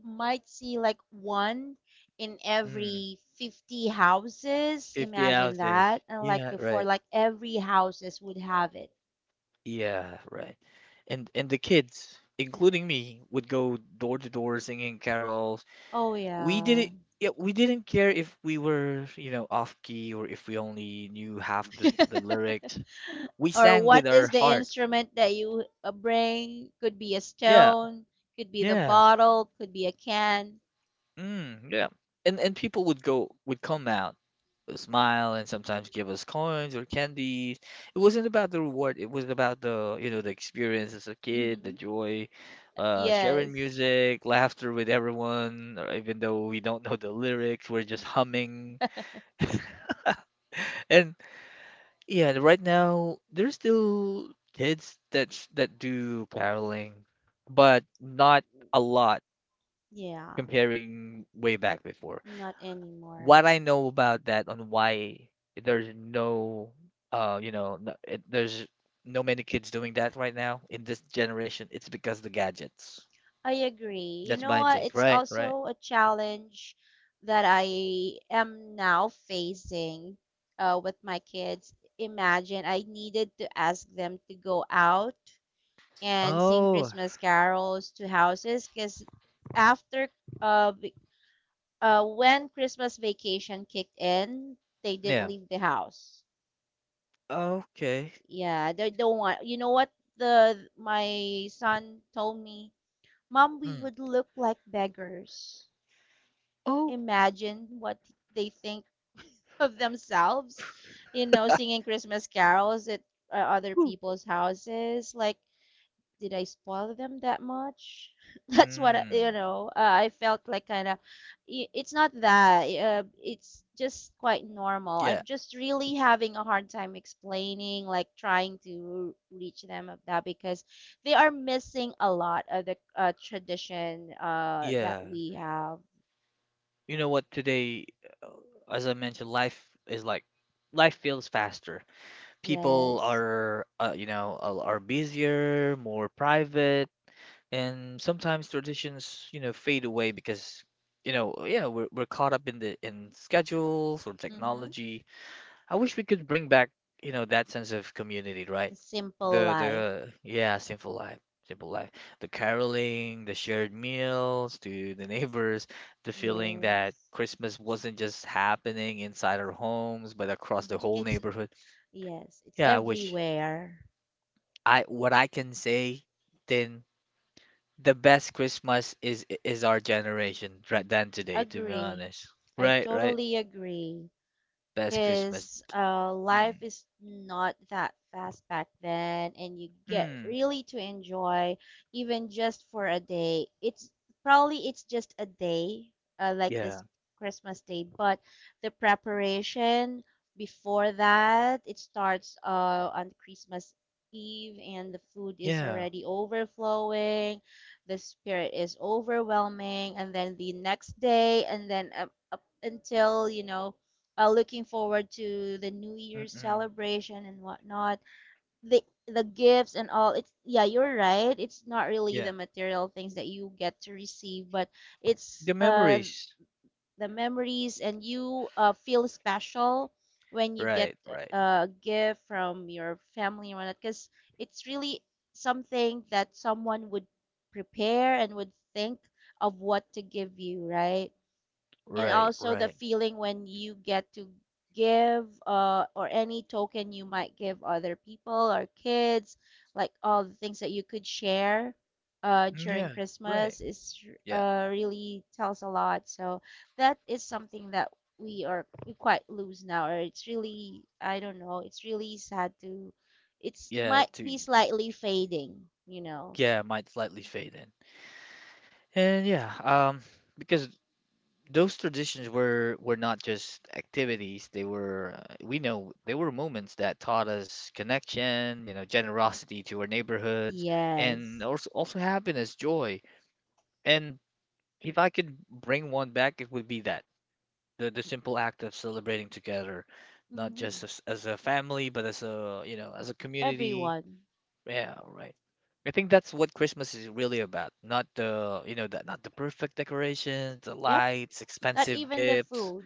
Speaker 2: might see like one in
Speaker 1: Mm,
Speaker 2: every 50 houses.
Speaker 1: 50
Speaker 2: Imagine
Speaker 1: ounces.
Speaker 2: that. And like
Speaker 1: Yeah,
Speaker 2: before,
Speaker 1: right.
Speaker 2: like every houses would have it.
Speaker 1: Yeah, right. And the kids, including me, would go door to door singing carols.
Speaker 2: Oh,
Speaker 1: We
Speaker 2: yeah.
Speaker 1: didn't Yeah, we didn't care if we were, you know, off key or if we only knew half the
Speaker 2: *laughs*
Speaker 1: lyrics. We
Speaker 2: Or
Speaker 1: sang
Speaker 2: what
Speaker 1: with our
Speaker 2: is the
Speaker 1: hearts.
Speaker 2: instrument that you bring? Could be a
Speaker 1: Yeah.
Speaker 2: stone, could be the
Speaker 1: Yeah.
Speaker 2: bottle, could be a can.
Speaker 1: Mm, yeah. And people would come out, smile, and sometimes give us coins or candies. It wasn't about the reward. It was about the, you know, the experience as a kid, the
Speaker 2: Hmm.
Speaker 1: joy, sharing
Speaker 2: Yes.
Speaker 1: music, laughter with everyone, or even though we don't know the lyrics, we're just humming. And yeah, right now there's still kids that do caroling, but not a lot
Speaker 2: Yeah,
Speaker 1: comparing way back before.
Speaker 2: not anymore.
Speaker 1: What I know about that on why there's no uh, you know, there's no many kids doing that right now in this generation, it's because the gadgets.
Speaker 2: I agree. You
Speaker 1: That's
Speaker 2: know
Speaker 1: my
Speaker 2: what?
Speaker 1: take.
Speaker 2: It's
Speaker 1: Right, right.
Speaker 2: also a challenge that I am now facing, with my kids. Imagine I needed to ask them to go out and sing
Speaker 1: Oh,
Speaker 2: Christmas carols to houses, because after uh, v- when Christmas vacation kicked in, they didn't
Speaker 1: yeah.
Speaker 2: leave the house.
Speaker 1: Okay.
Speaker 2: Yeah, they don't want. You know what? The my son told me, "Mom, we
Speaker 1: Mm.
Speaker 2: would look like beggars."
Speaker 1: Oh.
Speaker 2: Imagine what they think of themselves,
Speaker 1: *laughs*
Speaker 2: singing Christmas carols at other
Speaker 1: Ooh.
Speaker 2: people's houses. Like, did I spoil them that much? *laughs* That's what I- you
Speaker 1: Mm.
Speaker 2: know, uh, I felt, like, kind of, it's not that, it's just quite normal.
Speaker 1: Yeah.
Speaker 2: I'm just really having a hard time explaining, like, trying to reach them of that, because they are missing a lot of the tradition that
Speaker 1: Yeah.
Speaker 2: we have.
Speaker 1: You know what, today, uh, as I mentioned, life is like life feels faster. People
Speaker 2: Yes.
Speaker 1: are you know, are busier, more private, and sometimes traditions, you know, fade away because, you know, yeah, we're caught up in the in schedules or
Speaker 2: Mm-hmm.
Speaker 1: technology. I wish we could bring back, you know, that sense of community, right?
Speaker 2: A simple life.
Speaker 1: The Yeah, simple life, simple life, the caroling, the shared meals to the neighbors, the feeling that
Speaker 2: Yes.
Speaker 1: Christmas wasn't just happening inside our homes but across the
Speaker 2: Hmm.
Speaker 1: whole
Speaker 2: It's,
Speaker 1: neighborhood.
Speaker 2: yes, it's
Speaker 1: Yeah, I wish.
Speaker 2: everywhere.
Speaker 1: I what i can say then: the best Christmas is our generation, right, than today, to be
Speaker 2: Agree.
Speaker 1: honest.
Speaker 2: I
Speaker 1: Right, right.
Speaker 2: totally agree.
Speaker 1: Best Christmas.
Speaker 2: Because life
Speaker 1: Mm,
Speaker 2: is not that fast back then, and you get
Speaker 1: mm,
Speaker 2: really to enjoy, even just for a day. It's, probably it's just a day, like
Speaker 1: yeah,
Speaker 2: this Christmas day. But the preparation before that, it starts on Christmas Eve, and the food is
Speaker 1: yeah.
Speaker 2: already overflowing, the spirit is overwhelming, and then the next day, and then up until, looking forward to the New Year's
Speaker 1: Mm-mm,
Speaker 2: celebration and whatnot. The gifts and all. It's, yeah, you're right. It's not really
Speaker 1: yeah.
Speaker 2: the material things that you get to receive, but it's
Speaker 1: The memories.
Speaker 2: the memories, and you feel special when you get
Speaker 1: Right, right,
Speaker 2: a gift from your family and whatnot, because it's really something that someone would prepare and would think of what to give you, right? And
Speaker 1: right,
Speaker 2: also the
Speaker 1: right.
Speaker 2: feeling when you get to give, or any token you might give other people or kids, like all the things that you could share
Speaker 1: Mm,
Speaker 2: during
Speaker 1: yeah, right.
Speaker 2: Christmas is
Speaker 1: Yeah,
Speaker 2: really tells a lot. So that is something that we quite lose now, or it's really, I don't know, it's really sad to, it's
Speaker 1: yeah.
Speaker 2: might
Speaker 1: To
Speaker 2: be slightly fading, you know.
Speaker 1: yeah, might slightly fade in, and yeah. Because those traditions were not just activities. They were we know, they were moments that taught us connection, you know, generosity to our neighborhoods, and
Speaker 2: Yes.
Speaker 1: also also happiness, joy. And if I could bring one back, it would be that the simple act of celebrating together, not just
Speaker 2: Hmm.
Speaker 1: as a family, but as a you know as a community.
Speaker 2: Everyone.
Speaker 1: Yeah, right. I think that's what Christmas is really about. Not the, you know, not the perfect decorations, the
Speaker 2: Yep.
Speaker 1: lights,
Speaker 2: Not
Speaker 1: expensive
Speaker 2: even the
Speaker 1: gifts,
Speaker 2: food.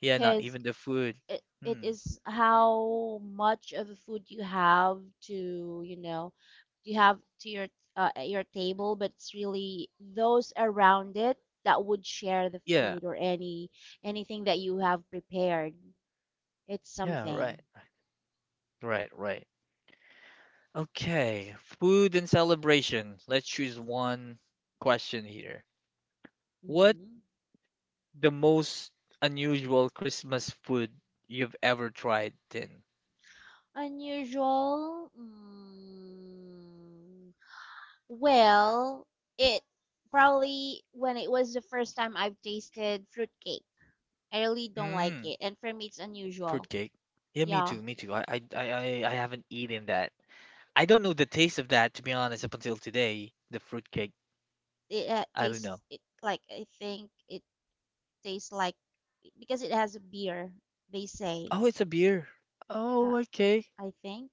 Speaker 1: yeah, not
Speaker 2: Because
Speaker 1: even the food.
Speaker 2: it
Speaker 1: Hmm.
Speaker 2: is how much of a food you have to, you have to your, at your table, but it's really those around it that would share the
Speaker 1: Yeah.
Speaker 2: food or anything that you have prepared, it's
Speaker 1: Yeah,
Speaker 2: something.
Speaker 1: right. Right, right. Okay, food and celebration. Let's choose one question here. What
Speaker 2: Hmm.
Speaker 1: the most unusual Christmas food you've ever tried then?
Speaker 2: Unusual. Well, it probably when it was the first time I've tasted fruitcake. I really don't like
Speaker 1: Mm,
Speaker 2: it. And for me, it's unusual.
Speaker 1: fruitcake. Yeah, me
Speaker 2: Yeah,
Speaker 1: too, me too. I haven't eaten that. I don't know the taste of that, to be honest, up until today. The fruitcake.
Speaker 2: it
Speaker 1: I don't
Speaker 2: tastes
Speaker 1: know.
Speaker 2: it like, I think it tastes like, because it has a beer, they say.
Speaker 1: Oh, it's a beer.
Speaker 2: Uh,
Speaker 1: Oh, okay.
Speaker 2: I think.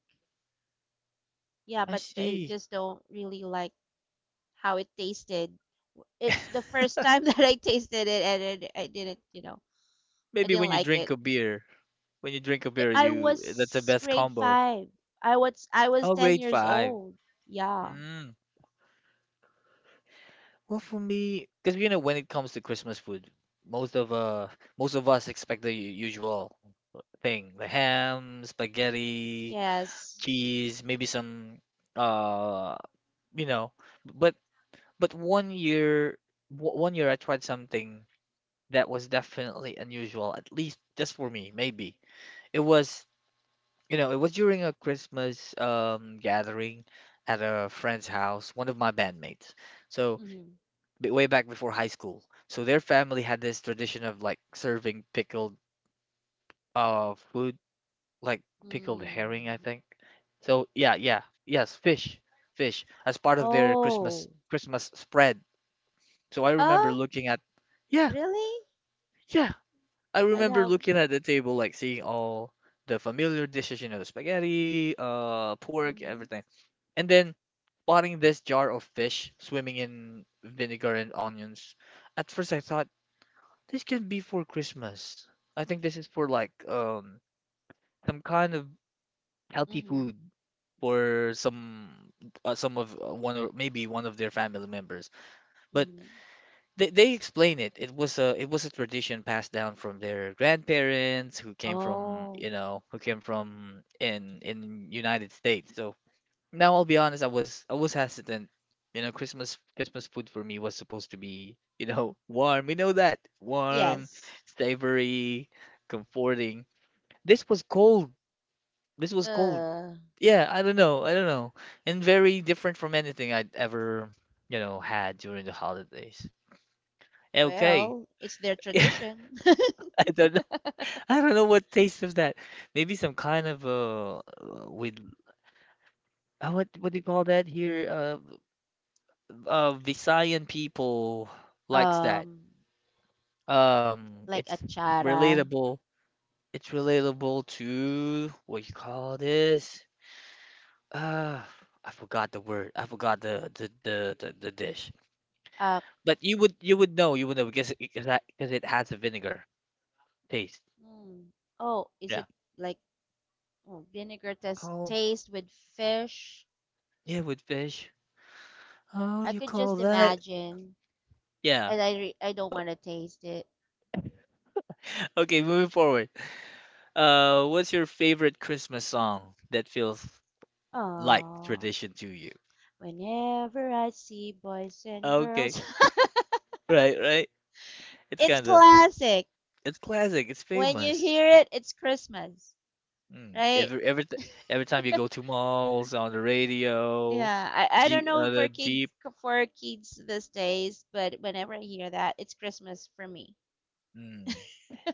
Speaker 2: Yeah,
Speaker 1: I
Speaker 2: but I
Speaker 1: see.
Speaker 2: just don't really like how it tasted. It's the
Speaker 1: *laughs*
Speaker 2: first time *laughs* that I tasted it, and it, I didn't, you know, I
Speaker 1: Maybe
Speaker 2: didn't
Speaker 1: when you
Speaker 2: like
Speaker 1: drink
Speaker 2: it.
Speaker 1: a beer. When you drink a beer,
Speaker 2: I
Speaker 1: you that's the
Speaker 2: was
Speaker 1: best
Speaker 2: grade
Speaker 1: combo.
Speaker 2: 5. I was
Speaker 1: Oh,
Speaker 2: 10
Speaker 1: grade
Speaker 2: years
Speaker 1: five.
Speaker 2: old. Yeah.
Speaker 1: Mm. Well, for me, because you know, when it comes to Christmas food, most of uh most of us expect the usual thing: the ham, spaghetti,
Speaker 2: Yes.
Speaker 1: cheese, maybe some uh you know. But but one year, one year I tried something that was definitely unusual, at least just for me. Maybe it was. You know, it was during a Christmas gathering at a friend's house, one of my bandmates. So
Speaker 2: Hmm.
Speaker 1: way back before high school. So their family had this tradition of like serving pickled food, like pickled herring,
Speaker 2: Hmm.
Speaker 1: I think. So yeah, yeah, yes, fish, fish as part of their
Speaker 2: Oh.
Speaker 1: Christmas spread. So I remember
Speaker 2: Oh,
Speaker 1: looking at, yeah,
Speaker 2: really?
Speaker 1: yeah, I
Speaker 2: I
Speaker 1: remember
Speaker 2: know.
Speaker 1: looking at the table, like seeing all the familiar dishes, you know, the spaghetti, pork,
Speaker 2: Mhm.
Speaker 1: everything. And then spotting this jar of fish swimming in vinegar and onions. At first, I thought this can be for Christmas. I think this is for like some kind of healthy
Speaker 2: Mhm.
Speaker 1: food for some of one or maybe one of their family members. But
Speaker 2: Mhm.
Speaker 1: they explain it. It was a tradition passed down from their grandparents who came from
Speaker 2: Oh,
Speaker 1: you know who came from in United States. So, now I'll be honest, I was hesitant. You know, Christmas food for me was supposed to be, *laughs* warm. We know that. Warm,
Speaker 2: yes.
Speaker 1: savory, comforting. This was cold. This was cold.
Speaker 2: Uh,
Speaker 1: Yeah, I don't know. I don't know. And very different from anything I'd ever, had during the holidays. Okay.
Speaker 2: well, it's their
Speaker 1: *laughs* Yeah,
Speaker 2: tradition. *laughs*
Speaker 1: I don't know. I don't know what taste of that. Maybe some kind of with what do you call that here? Visayan people likes that.
Speaker 2: Um,
Speaker 1: Um,
Speaker 2: like
Speaker 1: it's
Speaker 2: achara.
Speaker 1: relatable. It's relatable to what you call this. Uh, I forgot the word. I forgot the dish.
Speaker 2: Uh,
Speaker 1: But you would know because it has a vinegar taste.
Speaker 2: mm, oh, is
Speaker 1: Yeah.
Speaker 2: it like, oh, vinegar
Speaker 1: Oh
Speaker 2: taste with fish?
Speaker 1: yeah, with fish. Oh,
Speaker 2: I
Speaker 1: you
Speaker 2: could
Speaker 1: call
Speaker 2: just
Speaker 1: that?
Speaker 2: imagine,
Speaker 1: Yeah.
Speaker 2: and I don't
Speaker 1: *laughs*
Speaker 2: want to taste it.
Speaker 1: Okay, moving forward. What's your favorite Christmas song that feels like
Speaker 2: Oh,
Speaker 1: tradition to you?
Speaker 2: whenever I see boys and
Speaker 1: Okay.
Speaker 2: girls, *laughs*
Speaker 1: Right, right. It's
Speaker 2: it's
Speaker 1: kind of
Speaker 2: classic.
Speaker 1: it's classic. It's
Speaker 2: When you
Speaker 1: famous.
Speaker 2: hear it, it's Christmas,
Speaker 1: Mm.
Speaker 2: right?
Speaker 1: Every time you go to malls, on the radio,
Speaker 2: Yeah, I don't
Speaker 1: Jeep,
Speaker 2: know
Speaker 1: uh, the Jeep.
Speaker 2: for kids these days, but whenever I hear that, it's Christmas for me.
Speaker 1: Mm.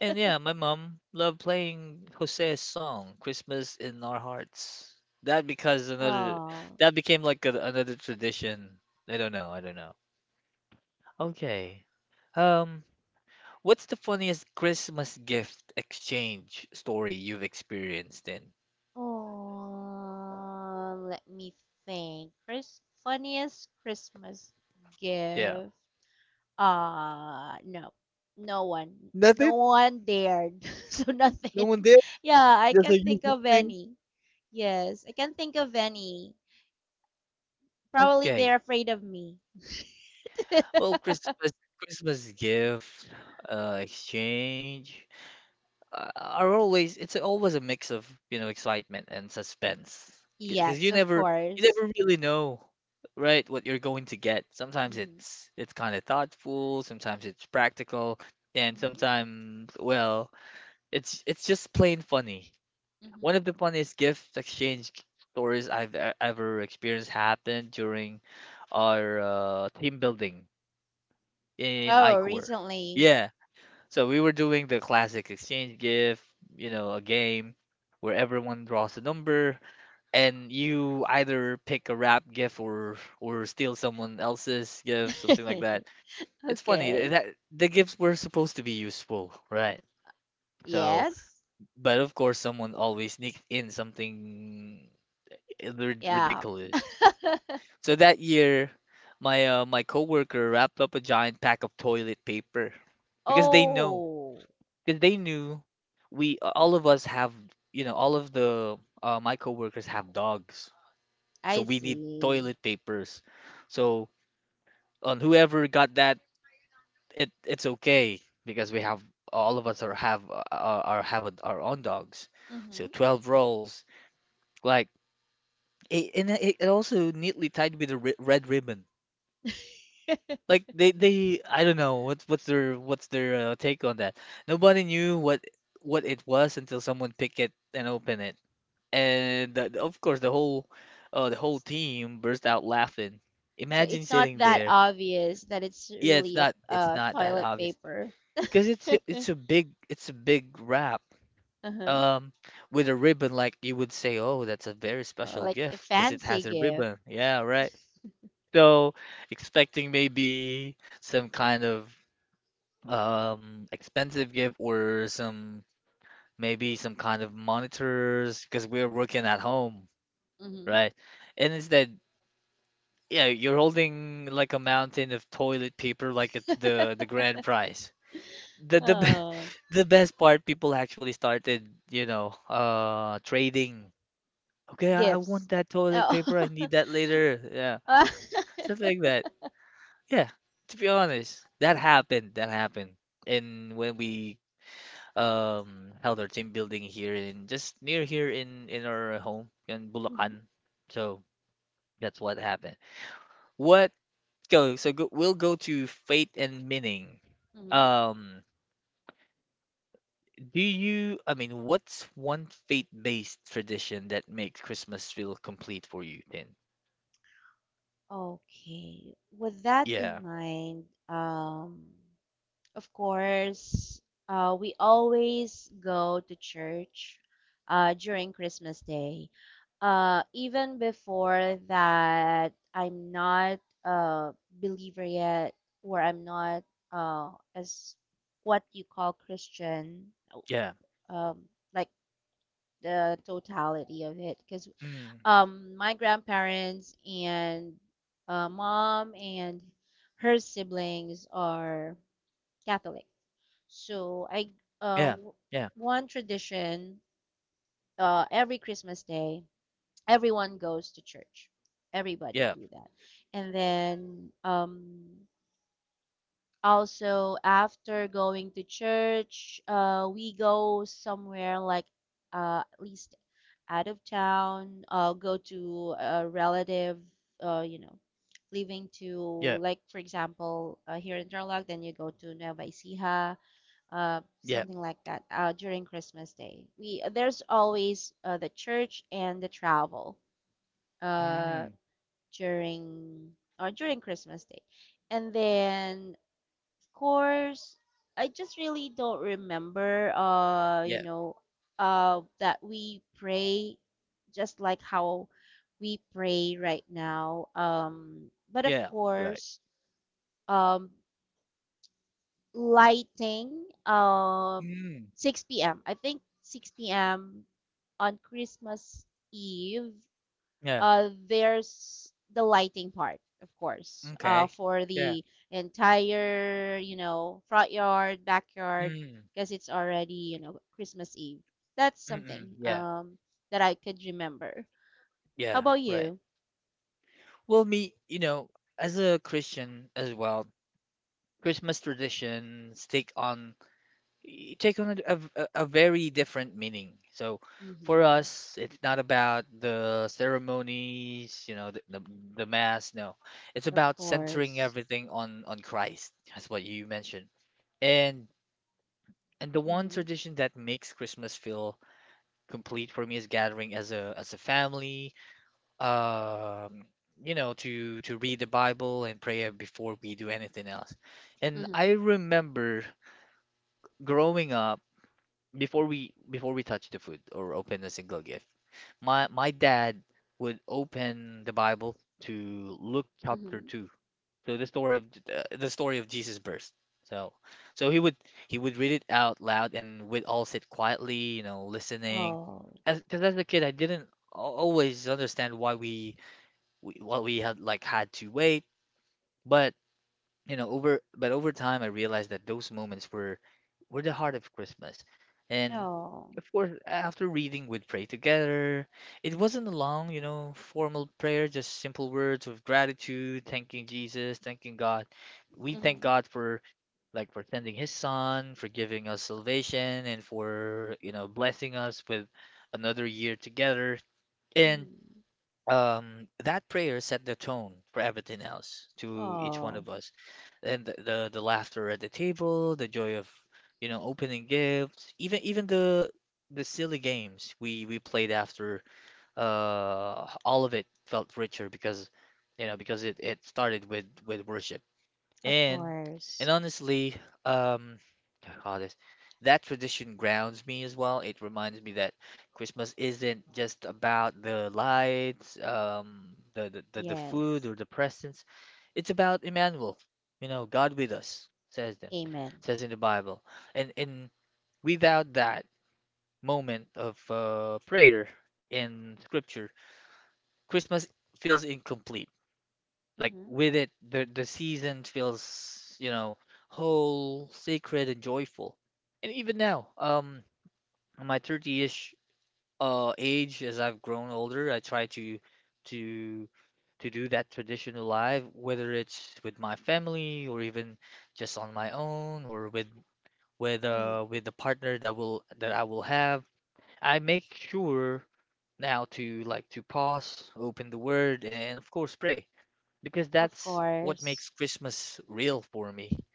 Speaker 1: And yeah, my mom loved playing Jose's song "Christmas in Our Hearts." That because another
Speaker 2: Oh,
Speaker 1: that became like another tradition. I don't know. I don't know. Okay. Um, what's the funniest Christmas gift exchange story you've experienced in?
Speaker 2: oh, let me think. Funniest Christmas
Speaker 1: Yeah.
Speaker 2: gift? No, no one, no
Speaker 1: Nothing.
Speaker 2: one dared, *laughs* so
Speaker 1: No
Speaker 2: nothing.
Speaker 1: one
Speaker 2: *laughs*
Speaker 1: did.
Speaker 2: Yeah, I
Speaker 1: That's a
Speaker 2: can't think
Speaker 1: usual
Speaker 2: of
Speaker 1: thing?
Speaker 2: any. Yes, I can't think of any. Probably they're
Speaker 1: Okay.
Speaker 2: afraid of me.
Speaker 1: Well, Christmas gift, exchange, are always it's always a mix of, you know, excitement and suspense. Because
Speaker 2: Yes,
Speaker 1: you
Speaker 2: of
Speaker 1: never you
Speaker 2: course.
Speaker 1: never really know, right, what you're going to get. Sometimes
Speaker 2: Mm-hmm.
Speaker 1: it's kind of thoughtful, sometimes it's practical, and
Speaker 2: Mm-hmm.
Speaker 1: sometimes, well, it's just plain funny.
Speaker 2: Mm-hmm.
Speaker 1: One of the funniest gift exchange stories ever experienced happened during our team building in
Speaker 2: Oh,
Speaker 1: iCore.
Speaker 2: recently.
Speaker 1: Yeah, so we were doing the classic exchange gift, you know, a game where everyone draws a number, and you either pick a wrap gift, or steal someone else's gift, something like that.
Speaker 2: *laughs*
Speaker 1: It's funny th-
Speaker 2: Okay.
Speaker 1: that the gifts were supposed to be useful, right? So,
Speaker 2: Yes.
Speaker 1: but of course, someone always sneaks in something
Speaker 2: Yeah.
Speaker 1: ridiculous. So that year, my coworker wrapped up a giant pack of toilet paper because they know
Speaker 2: Oh,
Speaker 1: because they knew we all of us have you know all of the my coworkers have dogs, so
Speaker 2: I
Speaker 1: we need
Speaker 2: see.
Speaker 1: toilet papers. So, on whoever got that, it's okay because we have all of us are have, have a, our own dogs. So,
Speaker 2: Hmm.
Speaker 1: 12 rolls like it, and it also neatly tied with a red ribbon.
Speaker 2: *laughs*
Speaker 1: Like they I don't know what's their take on that. Nobody knew what it was until someone picked it and opened it, and, of course, the whole team burst out laughing.
Speaker 2: So
Speaker 1: Imagine
Speaker 2: it's not
Speaker 1: sitting
Speaker 2: that
Speaker 1: there.
Speaker 2: obvious that it's
Speaker 1: Yeah, it's
Speaker 2: really a,
Speaker 1: not it's
Speaker 2: a
Speaker 1: not that
Speaker 2: toilet
Speaker 1: obvious
Speaker 2: paper.
Speaker 1: because it's a-
Speaker 2: *laughs*
Speaker 1: it's a big it's a big wrap
Speaker 2: Uh-huh.
Speaker 1: um with a ribbon. Like you would say, oh, that's a very special
Speaker 2: Like a
Speaker 1: gift because it
Speaker 2: fancy
Speaker 1: has a
Speaker 2: gift.
Speaker 1: ribbon. Yeah, right. So, expecting maybe some kind of expensive gift, or some maybe some kind of monitors because we're working at home,
Speaker 2: Hmm.
Speaker 1: right? And instead, yeah, you're holding like a mountain of toilet paper like it's the
Speaker 2: *laughs*
Speaker 1: grand prize. The the be-
Speaker 2: Oh,
Speaker 1: *laughs* the best part, people actually started, trading. Okay, I
Speaker 2: gifts.
Speaker 1: want that toilet
Speaker 2: Oh.
Speaker 1: paper. I need that later. Yeah, stuff like
Speaker 2: *laughs*
Speaker 1: that. Yeah, to be honest, that happened. That happened. And when we held our team building here in just near here in our home in
Speaker 2: hmm.
Speaker 1: Bulacan. So that's what happened. What go so go, we'll go to fate and meaning.
Speaker 2: Hmm.
Speaker 1: Um, I mean, what's one faith-based tradition that makes Christmas feel complete for you then?
Speaker 2: *laughs* Okay. With that
Speaker 1: Yeah,
Speaker 2: in mind, of course, we always go to church during Christmas Day. Even before that, I'm not a believer yet, or I'm not, as what you call, Christian,
Speaker 1: yeah,
Speaker 2: um, like, the totality of it. Because
Speaker 1: mm,
Speaker 2: my grandparents and mom and her siblings are Catholic. So, uh
Speaker 1: yeah,
Speaker 2: w-
Speaker 1: yeah,
Speaker 2: one tradition, every Christmas day, everyone goes to church. Everybody
Speaker 1: yeah,
Speaker 2: do that. And then, also after going to church, we go somewhere like, at least out of town, go to a relative, uh you know living to,
Speaker 1: yeah,
Speaker 2: like, for example, here in Tarlac, then you go to Nueva Ecija,
Speaker 1: yeah,
Speaker 2: something like that, during Christmas Day. We There's always the church and the travel, uh,
Speaker 1: mm,
Speaker 2: during during Christmas Day, and then of course, I just really don't remember,
Speaker 1: yeah,
Speaker 2: that we pray just like how we pray right now. But of
Speaker 1: yeah, right,
Speaker 2: course, um, lighting,
Speaker 1: mm,
Speaker 2: 6 p.m., I think 6 p.m., on Christmas Eve.
Speaker 1: yeah,
Speaker 2: There's the lighting part, of course,
Speaker 1: okay,
Speaker 2: for
Speaker 1: yeah,
Speaker 2: the entire, front yard, backyard,
Speaker 1: mm,
Speaker 2: because it's already, Christmas Eve. That's
Speaker 1: mm-mm,
Speaker 2: something,
Speaker 1: yeah.
Speaker 2: that I could remember. How
Speaker 1: Yeah,
Speaker 2: about
Speaker 1: right.
Speaker 2: you?
Speaker 1: Well, me, you know, as a Christian as well, Christmas traditions take on a very different meaning. So, for
Speaker 2: Mm-hmm.
Speaker 1: us, it's not about the ceremonies, you know, the mass. No, it's
Speaker 2: Of
Speaker 1: about centering
Speaker 2: course.
Speaker 1: everything on Christ. That's what you mentioned. And and the one
Speaker 2: Mm-hmm.
Speaker 1: tradition that makes Christmas feel complete for me is gathering as a family, um to read the Bible and pray before we do anything else. And I
Speaker 2: Mm-hmm.
Speaker 1: remember growing up, before we touch the food or open a single gift, my dad would open the Bible to Luke chapter
Speaker 2: Mm-hmm.
Speaker 1: 2, so the story of Jesus' birth. So so he would read it out loud, and we'd all sit quietly, listening,
Speaker 2: Oh.
Speaker 1: because as a kid, I didn't always understand why we had to wait. But but over time, I realized that those moments were the heart of Christmas. And
Speaker 2: Oh.
Speaker 1: of course, after reading, we'd pray together. It wasn't a long, formal prayer, just simple words of gratitude, thanking Jesus, thanking God. We thank
Speaker 2: Mm-hmm.
Speaker 1: God for sending His Son, for giving us salvation, and for blessing us with another year together. And
Speaker 2: Mm.
Speaker 1: that prayer set the tone for everything else to each one
Speaker 2: Oh,
Speaker 1: of us, and the laughter at the table, the joy of opening gifts, even the silly games we played after, all of it felt richer because you know because it started with worship.
Speaker 2: of
Speaker 1: and and
Speaker 2: course.
Speaker 1: honestly, um, I call this, that tradition grounds me as well. It reminds me that Christmas isn't just about the lights, the food
Speaker 2: Yes.
Speaker 1: or the presents. It's about Emmanuel, God with us, says them,
Speaker 2: Amen.
Speaker 1: says in the Bible. And without that moment of prayer in Scripture, Christmas feels incomplete, like
Speaker 2: Mm-hmm.
Speaker 1: with it, the season feels, whole, sacred, and joyful. And even now, on my 30-ish age, as I've grown older, I try to to do that tradition alive, whether it's with my family or even just on my own, or with with
Speaker 2: Mm-hmm.
Speaker 1: uh with the partner that I will have. I make sure now to pause, open the word, and of course pray, because
Speaker 2: Of
Speaker 1: that's what
Speaker 2: course.
Speaker 1: makes Christmas real for me.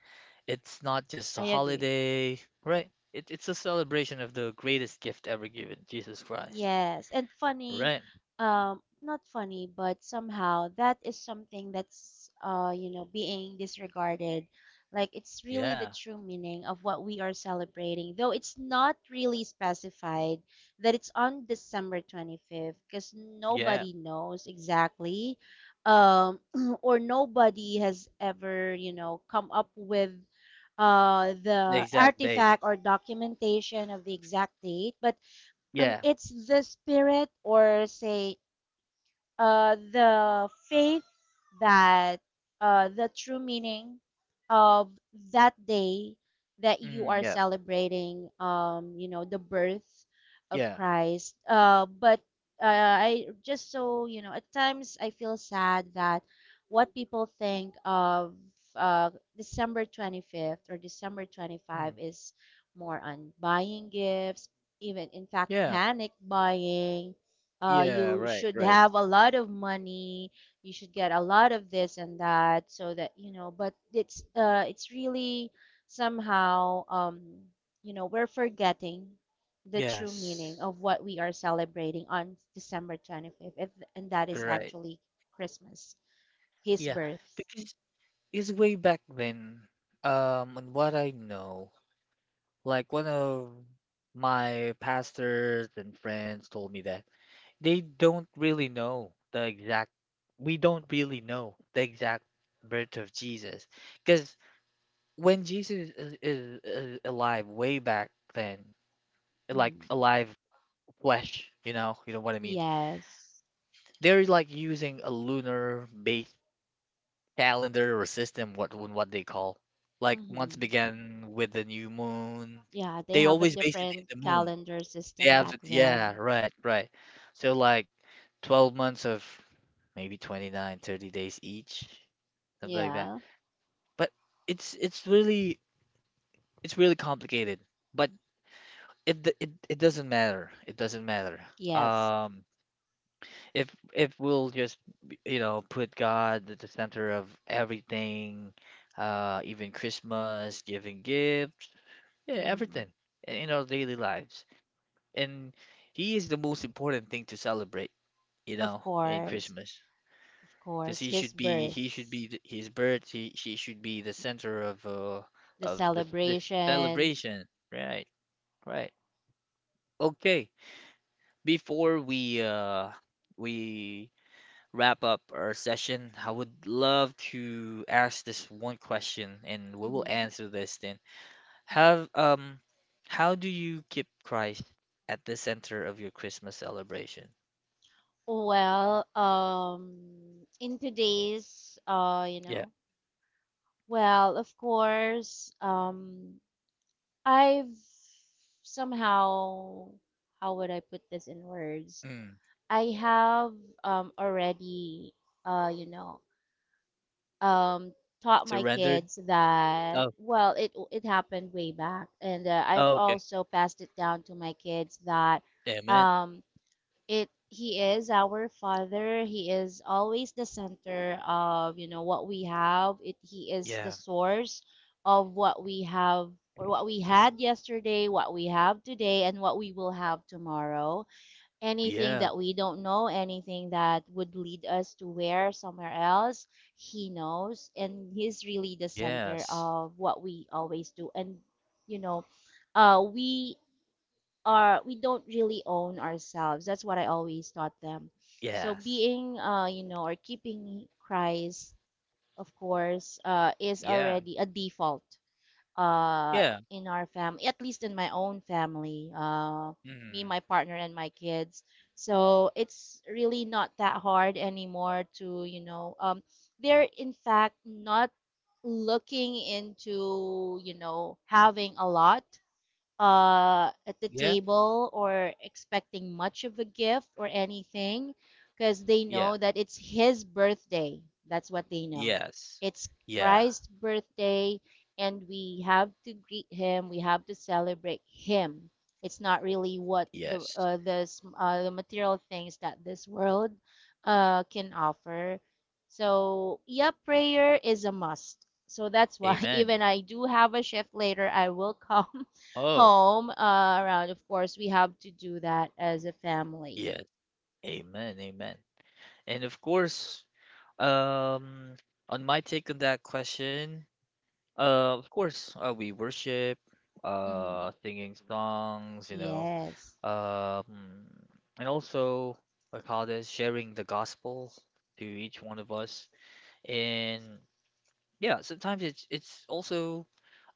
Speaker 1: It's not just a
Speaker 2: I agree.
Speaker 1: holiday, right? It's a celebration of the greatest gift ever given, Jesus Christ.
Speaker 2: Yes, and funny,
Speaker 1: Right?
Speaker 2: not funny, but somehow that is something that's, being disregarded. Like, it's really the
Speaker 1: Yeah.
Speaker 2: true meaning of what we are celebrating, though it's not really specified that it's on December 25th, because
Speaker 1: Yeah.
Speaker 2: nobody knows exactly, um, *clears throat* or nobody has ever, come up with,
Speaker 1: The
Speaker 2: the
Speaker 1: exact date.
Speaker 2: artifact or documentation of the exact date, but
Speaker 1: Yeah.
Speaker 2: it's the spirit, or say, the faith, that, the true meaning of that day that you are
Speaker 1: Mm, yeah.
Speaker 2: celebrating, the birth of
Speaker 1: Yeah.
Speaker 2: Christ. But, I just, so you know, at times I feel sad that what people think of, uh, December 25th or December 25
Speaker 1: Mm,
Speaker 2: is more on buying gifts, even, in fact,
Speaker 1: yeah.
Speaker 2: panic buying.
Speaker 1: Yeah.
Speaker 2: You
Speaker 1: Right.
Speaker 2: should
Speaker 1: Right.
Speaker 2: have a lot of money, you should get a lot of this and that so that you know, but it's, it's really somehow, we're forgetting the true meaning
Speaker 1: Yes.
Speaker 2: of what we are celebrating on December 25th, if, and that is
Speaker 1: Right.
Speaker 2: actually Christmas, his
Speaker 1: Yeah.
Speaker 2: birth.
Speaker 1: Because it's way back then. And what I know, like one of my pastors and friends told me that. They don't really know the exact, we don't really know the exact birth of Jesus. Because when Jesus is alive way back then, like
Speaker 2: Mhm.
Speaker 1: alive flesh, you know what I mean?
Speaker 2: Yes.
Speaker 1: They're like using a lunar based calendar or system, what they call. Like once
Speaker 2: Hmm.
Speaker 1: began with the new moon.
Speaker 2: Yeah, they
Speaker 1: They
Speaker 2: have a
Speaker 1: always base it in
Speaker 2: different
Speaker 1: the moon.
Speaker 2: calendar
Speaker 1: They
Speaker 2: system
Speaker 1: have
Speaker 2: back
Speaker 1: to, yeah,
Speaker 2: then.
Speaker 1: right, right. So, like, 12 months of maybe 29, 30 days each, something like that.
Speaker 2: Yeah.
Speaker 1: But it's it's really it's really complicated. But it doesn't matter. It doesn't matter.
Speaker 2: Yes.
Speaker 1: Um, if we'll just, put God at the center of everything, even Christmas, giving gifts, yeah,
Speaker 2: Mhm.
Speaker 1: everything, in our daily lives, and He is the most important thing to celebrate,
Speaker 2: Of
Speaker 1: in
Speaker 2: course,
Speaker 1: Christmas.
Speaker 2: of
Speaker 1: Because
Speaker 2: course,
Speaker 1: he
Speaker 2: his
Speaker 1: should be, he should
Speaker 2: birth,
Speaker 1: be th- his birth. He she should be the center
Speaker 2: the
Speaker 1: of the this
Speaker 2: celebration.
Speaker 1: celebration. Right, right. Okay. Before we wrap up our session, I would love to ask this one question, and we will
Speaker 2: Hmm.
Speaker 1: answer this then. Have how do you keep Christ at the center of your Christmas celebration?
Speaker 2: Well, in today's,
Speaker 1: Yeah.
Speaker 2: well, of course, I've somehow, how would I put this in words?
Speaker 1: Mm.
Speaker 2: I have already, uh, you know, um, taught my
Speaker 1: Surrendered.
Speaker 2: kids that,
Speaker 1: Oh.
Speaker 2: well, it happened way back, and I've
Speaker 1: Oh. Okay.
Speaker 2: also passed it down to my kids that,
Speaker 1: Amen.
Speaker 2: um, it he is our father, he is always the center of, what we have, it he is the
Speaker 1: Yeah.
Speaker 2: source of what we have, or what we had yesterday, what we have today, and what we will have tomorrow. Anything
Speaker 1: Yeah.
Speaker 2: that we don't know, anything that would lead us to, where somewhere else, he knows. And he's really the center
Speaker 1: Yes.
Speaker 2: of what we always do. And, you know, uh, we we don't really own ourselves. That's what I always taught them. So
Speaker 1: Yes.
Speaker 2: being, or keeping Christ, of course, is
Speaker 1: Yeah.
Speaker 2: already a default, uh,
Speaker 1: Yeah.
Speaker 2: in our family, at least in my own family, me,
Speaker 1: Mm.
Speaker 2: my partner, and my kids. So it's really not that hard anymore to, they're in fact not looking into, having a lot at the
Speaker 1: Yeah.
Speaker 2: table, or expecting much of a gift or anything, because they
Speaker 1: Yeah.
Speaker 2: know that it's his birthday. That's what they know.
Speaker 1: Yes.
Speaker 2: It's
Speaker 1: Yeah.
Speaker 2: Christ's birthday, and we have to greet him, we have to celebrate him. It's not really what
Speaker 1: Yes.
Speaker 2: the, s- the material things that this world can offer. So, yeah, prayer is a must. So that's why, *laughs*
Speaker 1: Amen.
Speaker 2: even I do have a shift later, I will *laughs* come
Speaker 1: Oh,
Speaker 2: home, around, of course, we have to do that as a family.
Speaker 1: yes. Amen. Amen. And of course, um, on my take on that question, of course, we worship,
Speaker 2: Hmm.
Speaker 1: singing songs,
Speaker 2: Yes,
Speaker 1: um, and also, I call this sharing the gospel to each one of us. And yeah, sometimes it's also,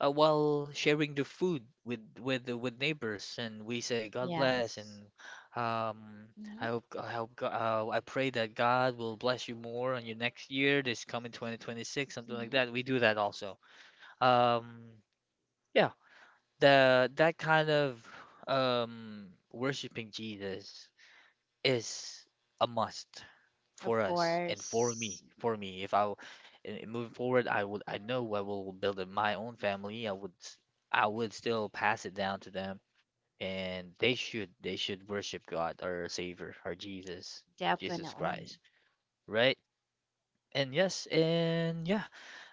Speaker 1: while sharing the food with the with neighbors, and we say God bless,
Speaker 2: yes.
Speaker 1: and um
Speaker 2: Hmm.
Speaker 1: I hope, I pray that God will bless you more on your next year, this coming 2026, something like
Speaker 2: Hmm.
Speaker 1: that we do that also. Um yeah the that kind of worshiping Jesus is a must
Speaker 2: Of
Speaker 1: for us and for me.
Speaker 2: course,
Speaker 1: For me, if I w- and moving forward, I know I will build up my own family. I would still pass it down to them, and they should worship God, our Savior, our Jesus, Jesus
Speaker 2: definitely.
Speaker 1: Christ, right? And yes, and yeah,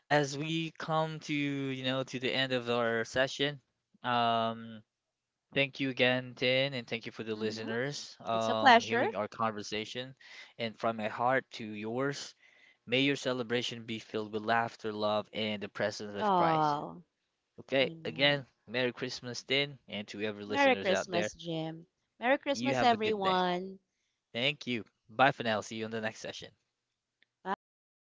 Speaker 1: as we come to you know to the end of our session. um. Thank you again, Tin, and thank you for the
Speaker 2: Hmm.
Speaker 1: listeners
Speaker 2: It's a pleasure.
Speaker 1: hearing our conversation. And from my heart to yours, may your celebration be filled with laughter, love, and the presence of Christ.
Speaker 2: Oh,
Speaker 1: Okay,
Speaker 2: amen.
Speaker 1: again, Merry Christmas, Tin, and to every
Speaker 2: Merry
Speaker 1: listeners out there,
Speaker 2: Christmas, Jim. Merry
Speaker 1: you
Speaker 2: Christmas,
Speaker 1: have a good day.
Speaker 2: everyone.
Speaker 1: Thank you. Bye for now. See you in the next session.
Speaker 2: Bye.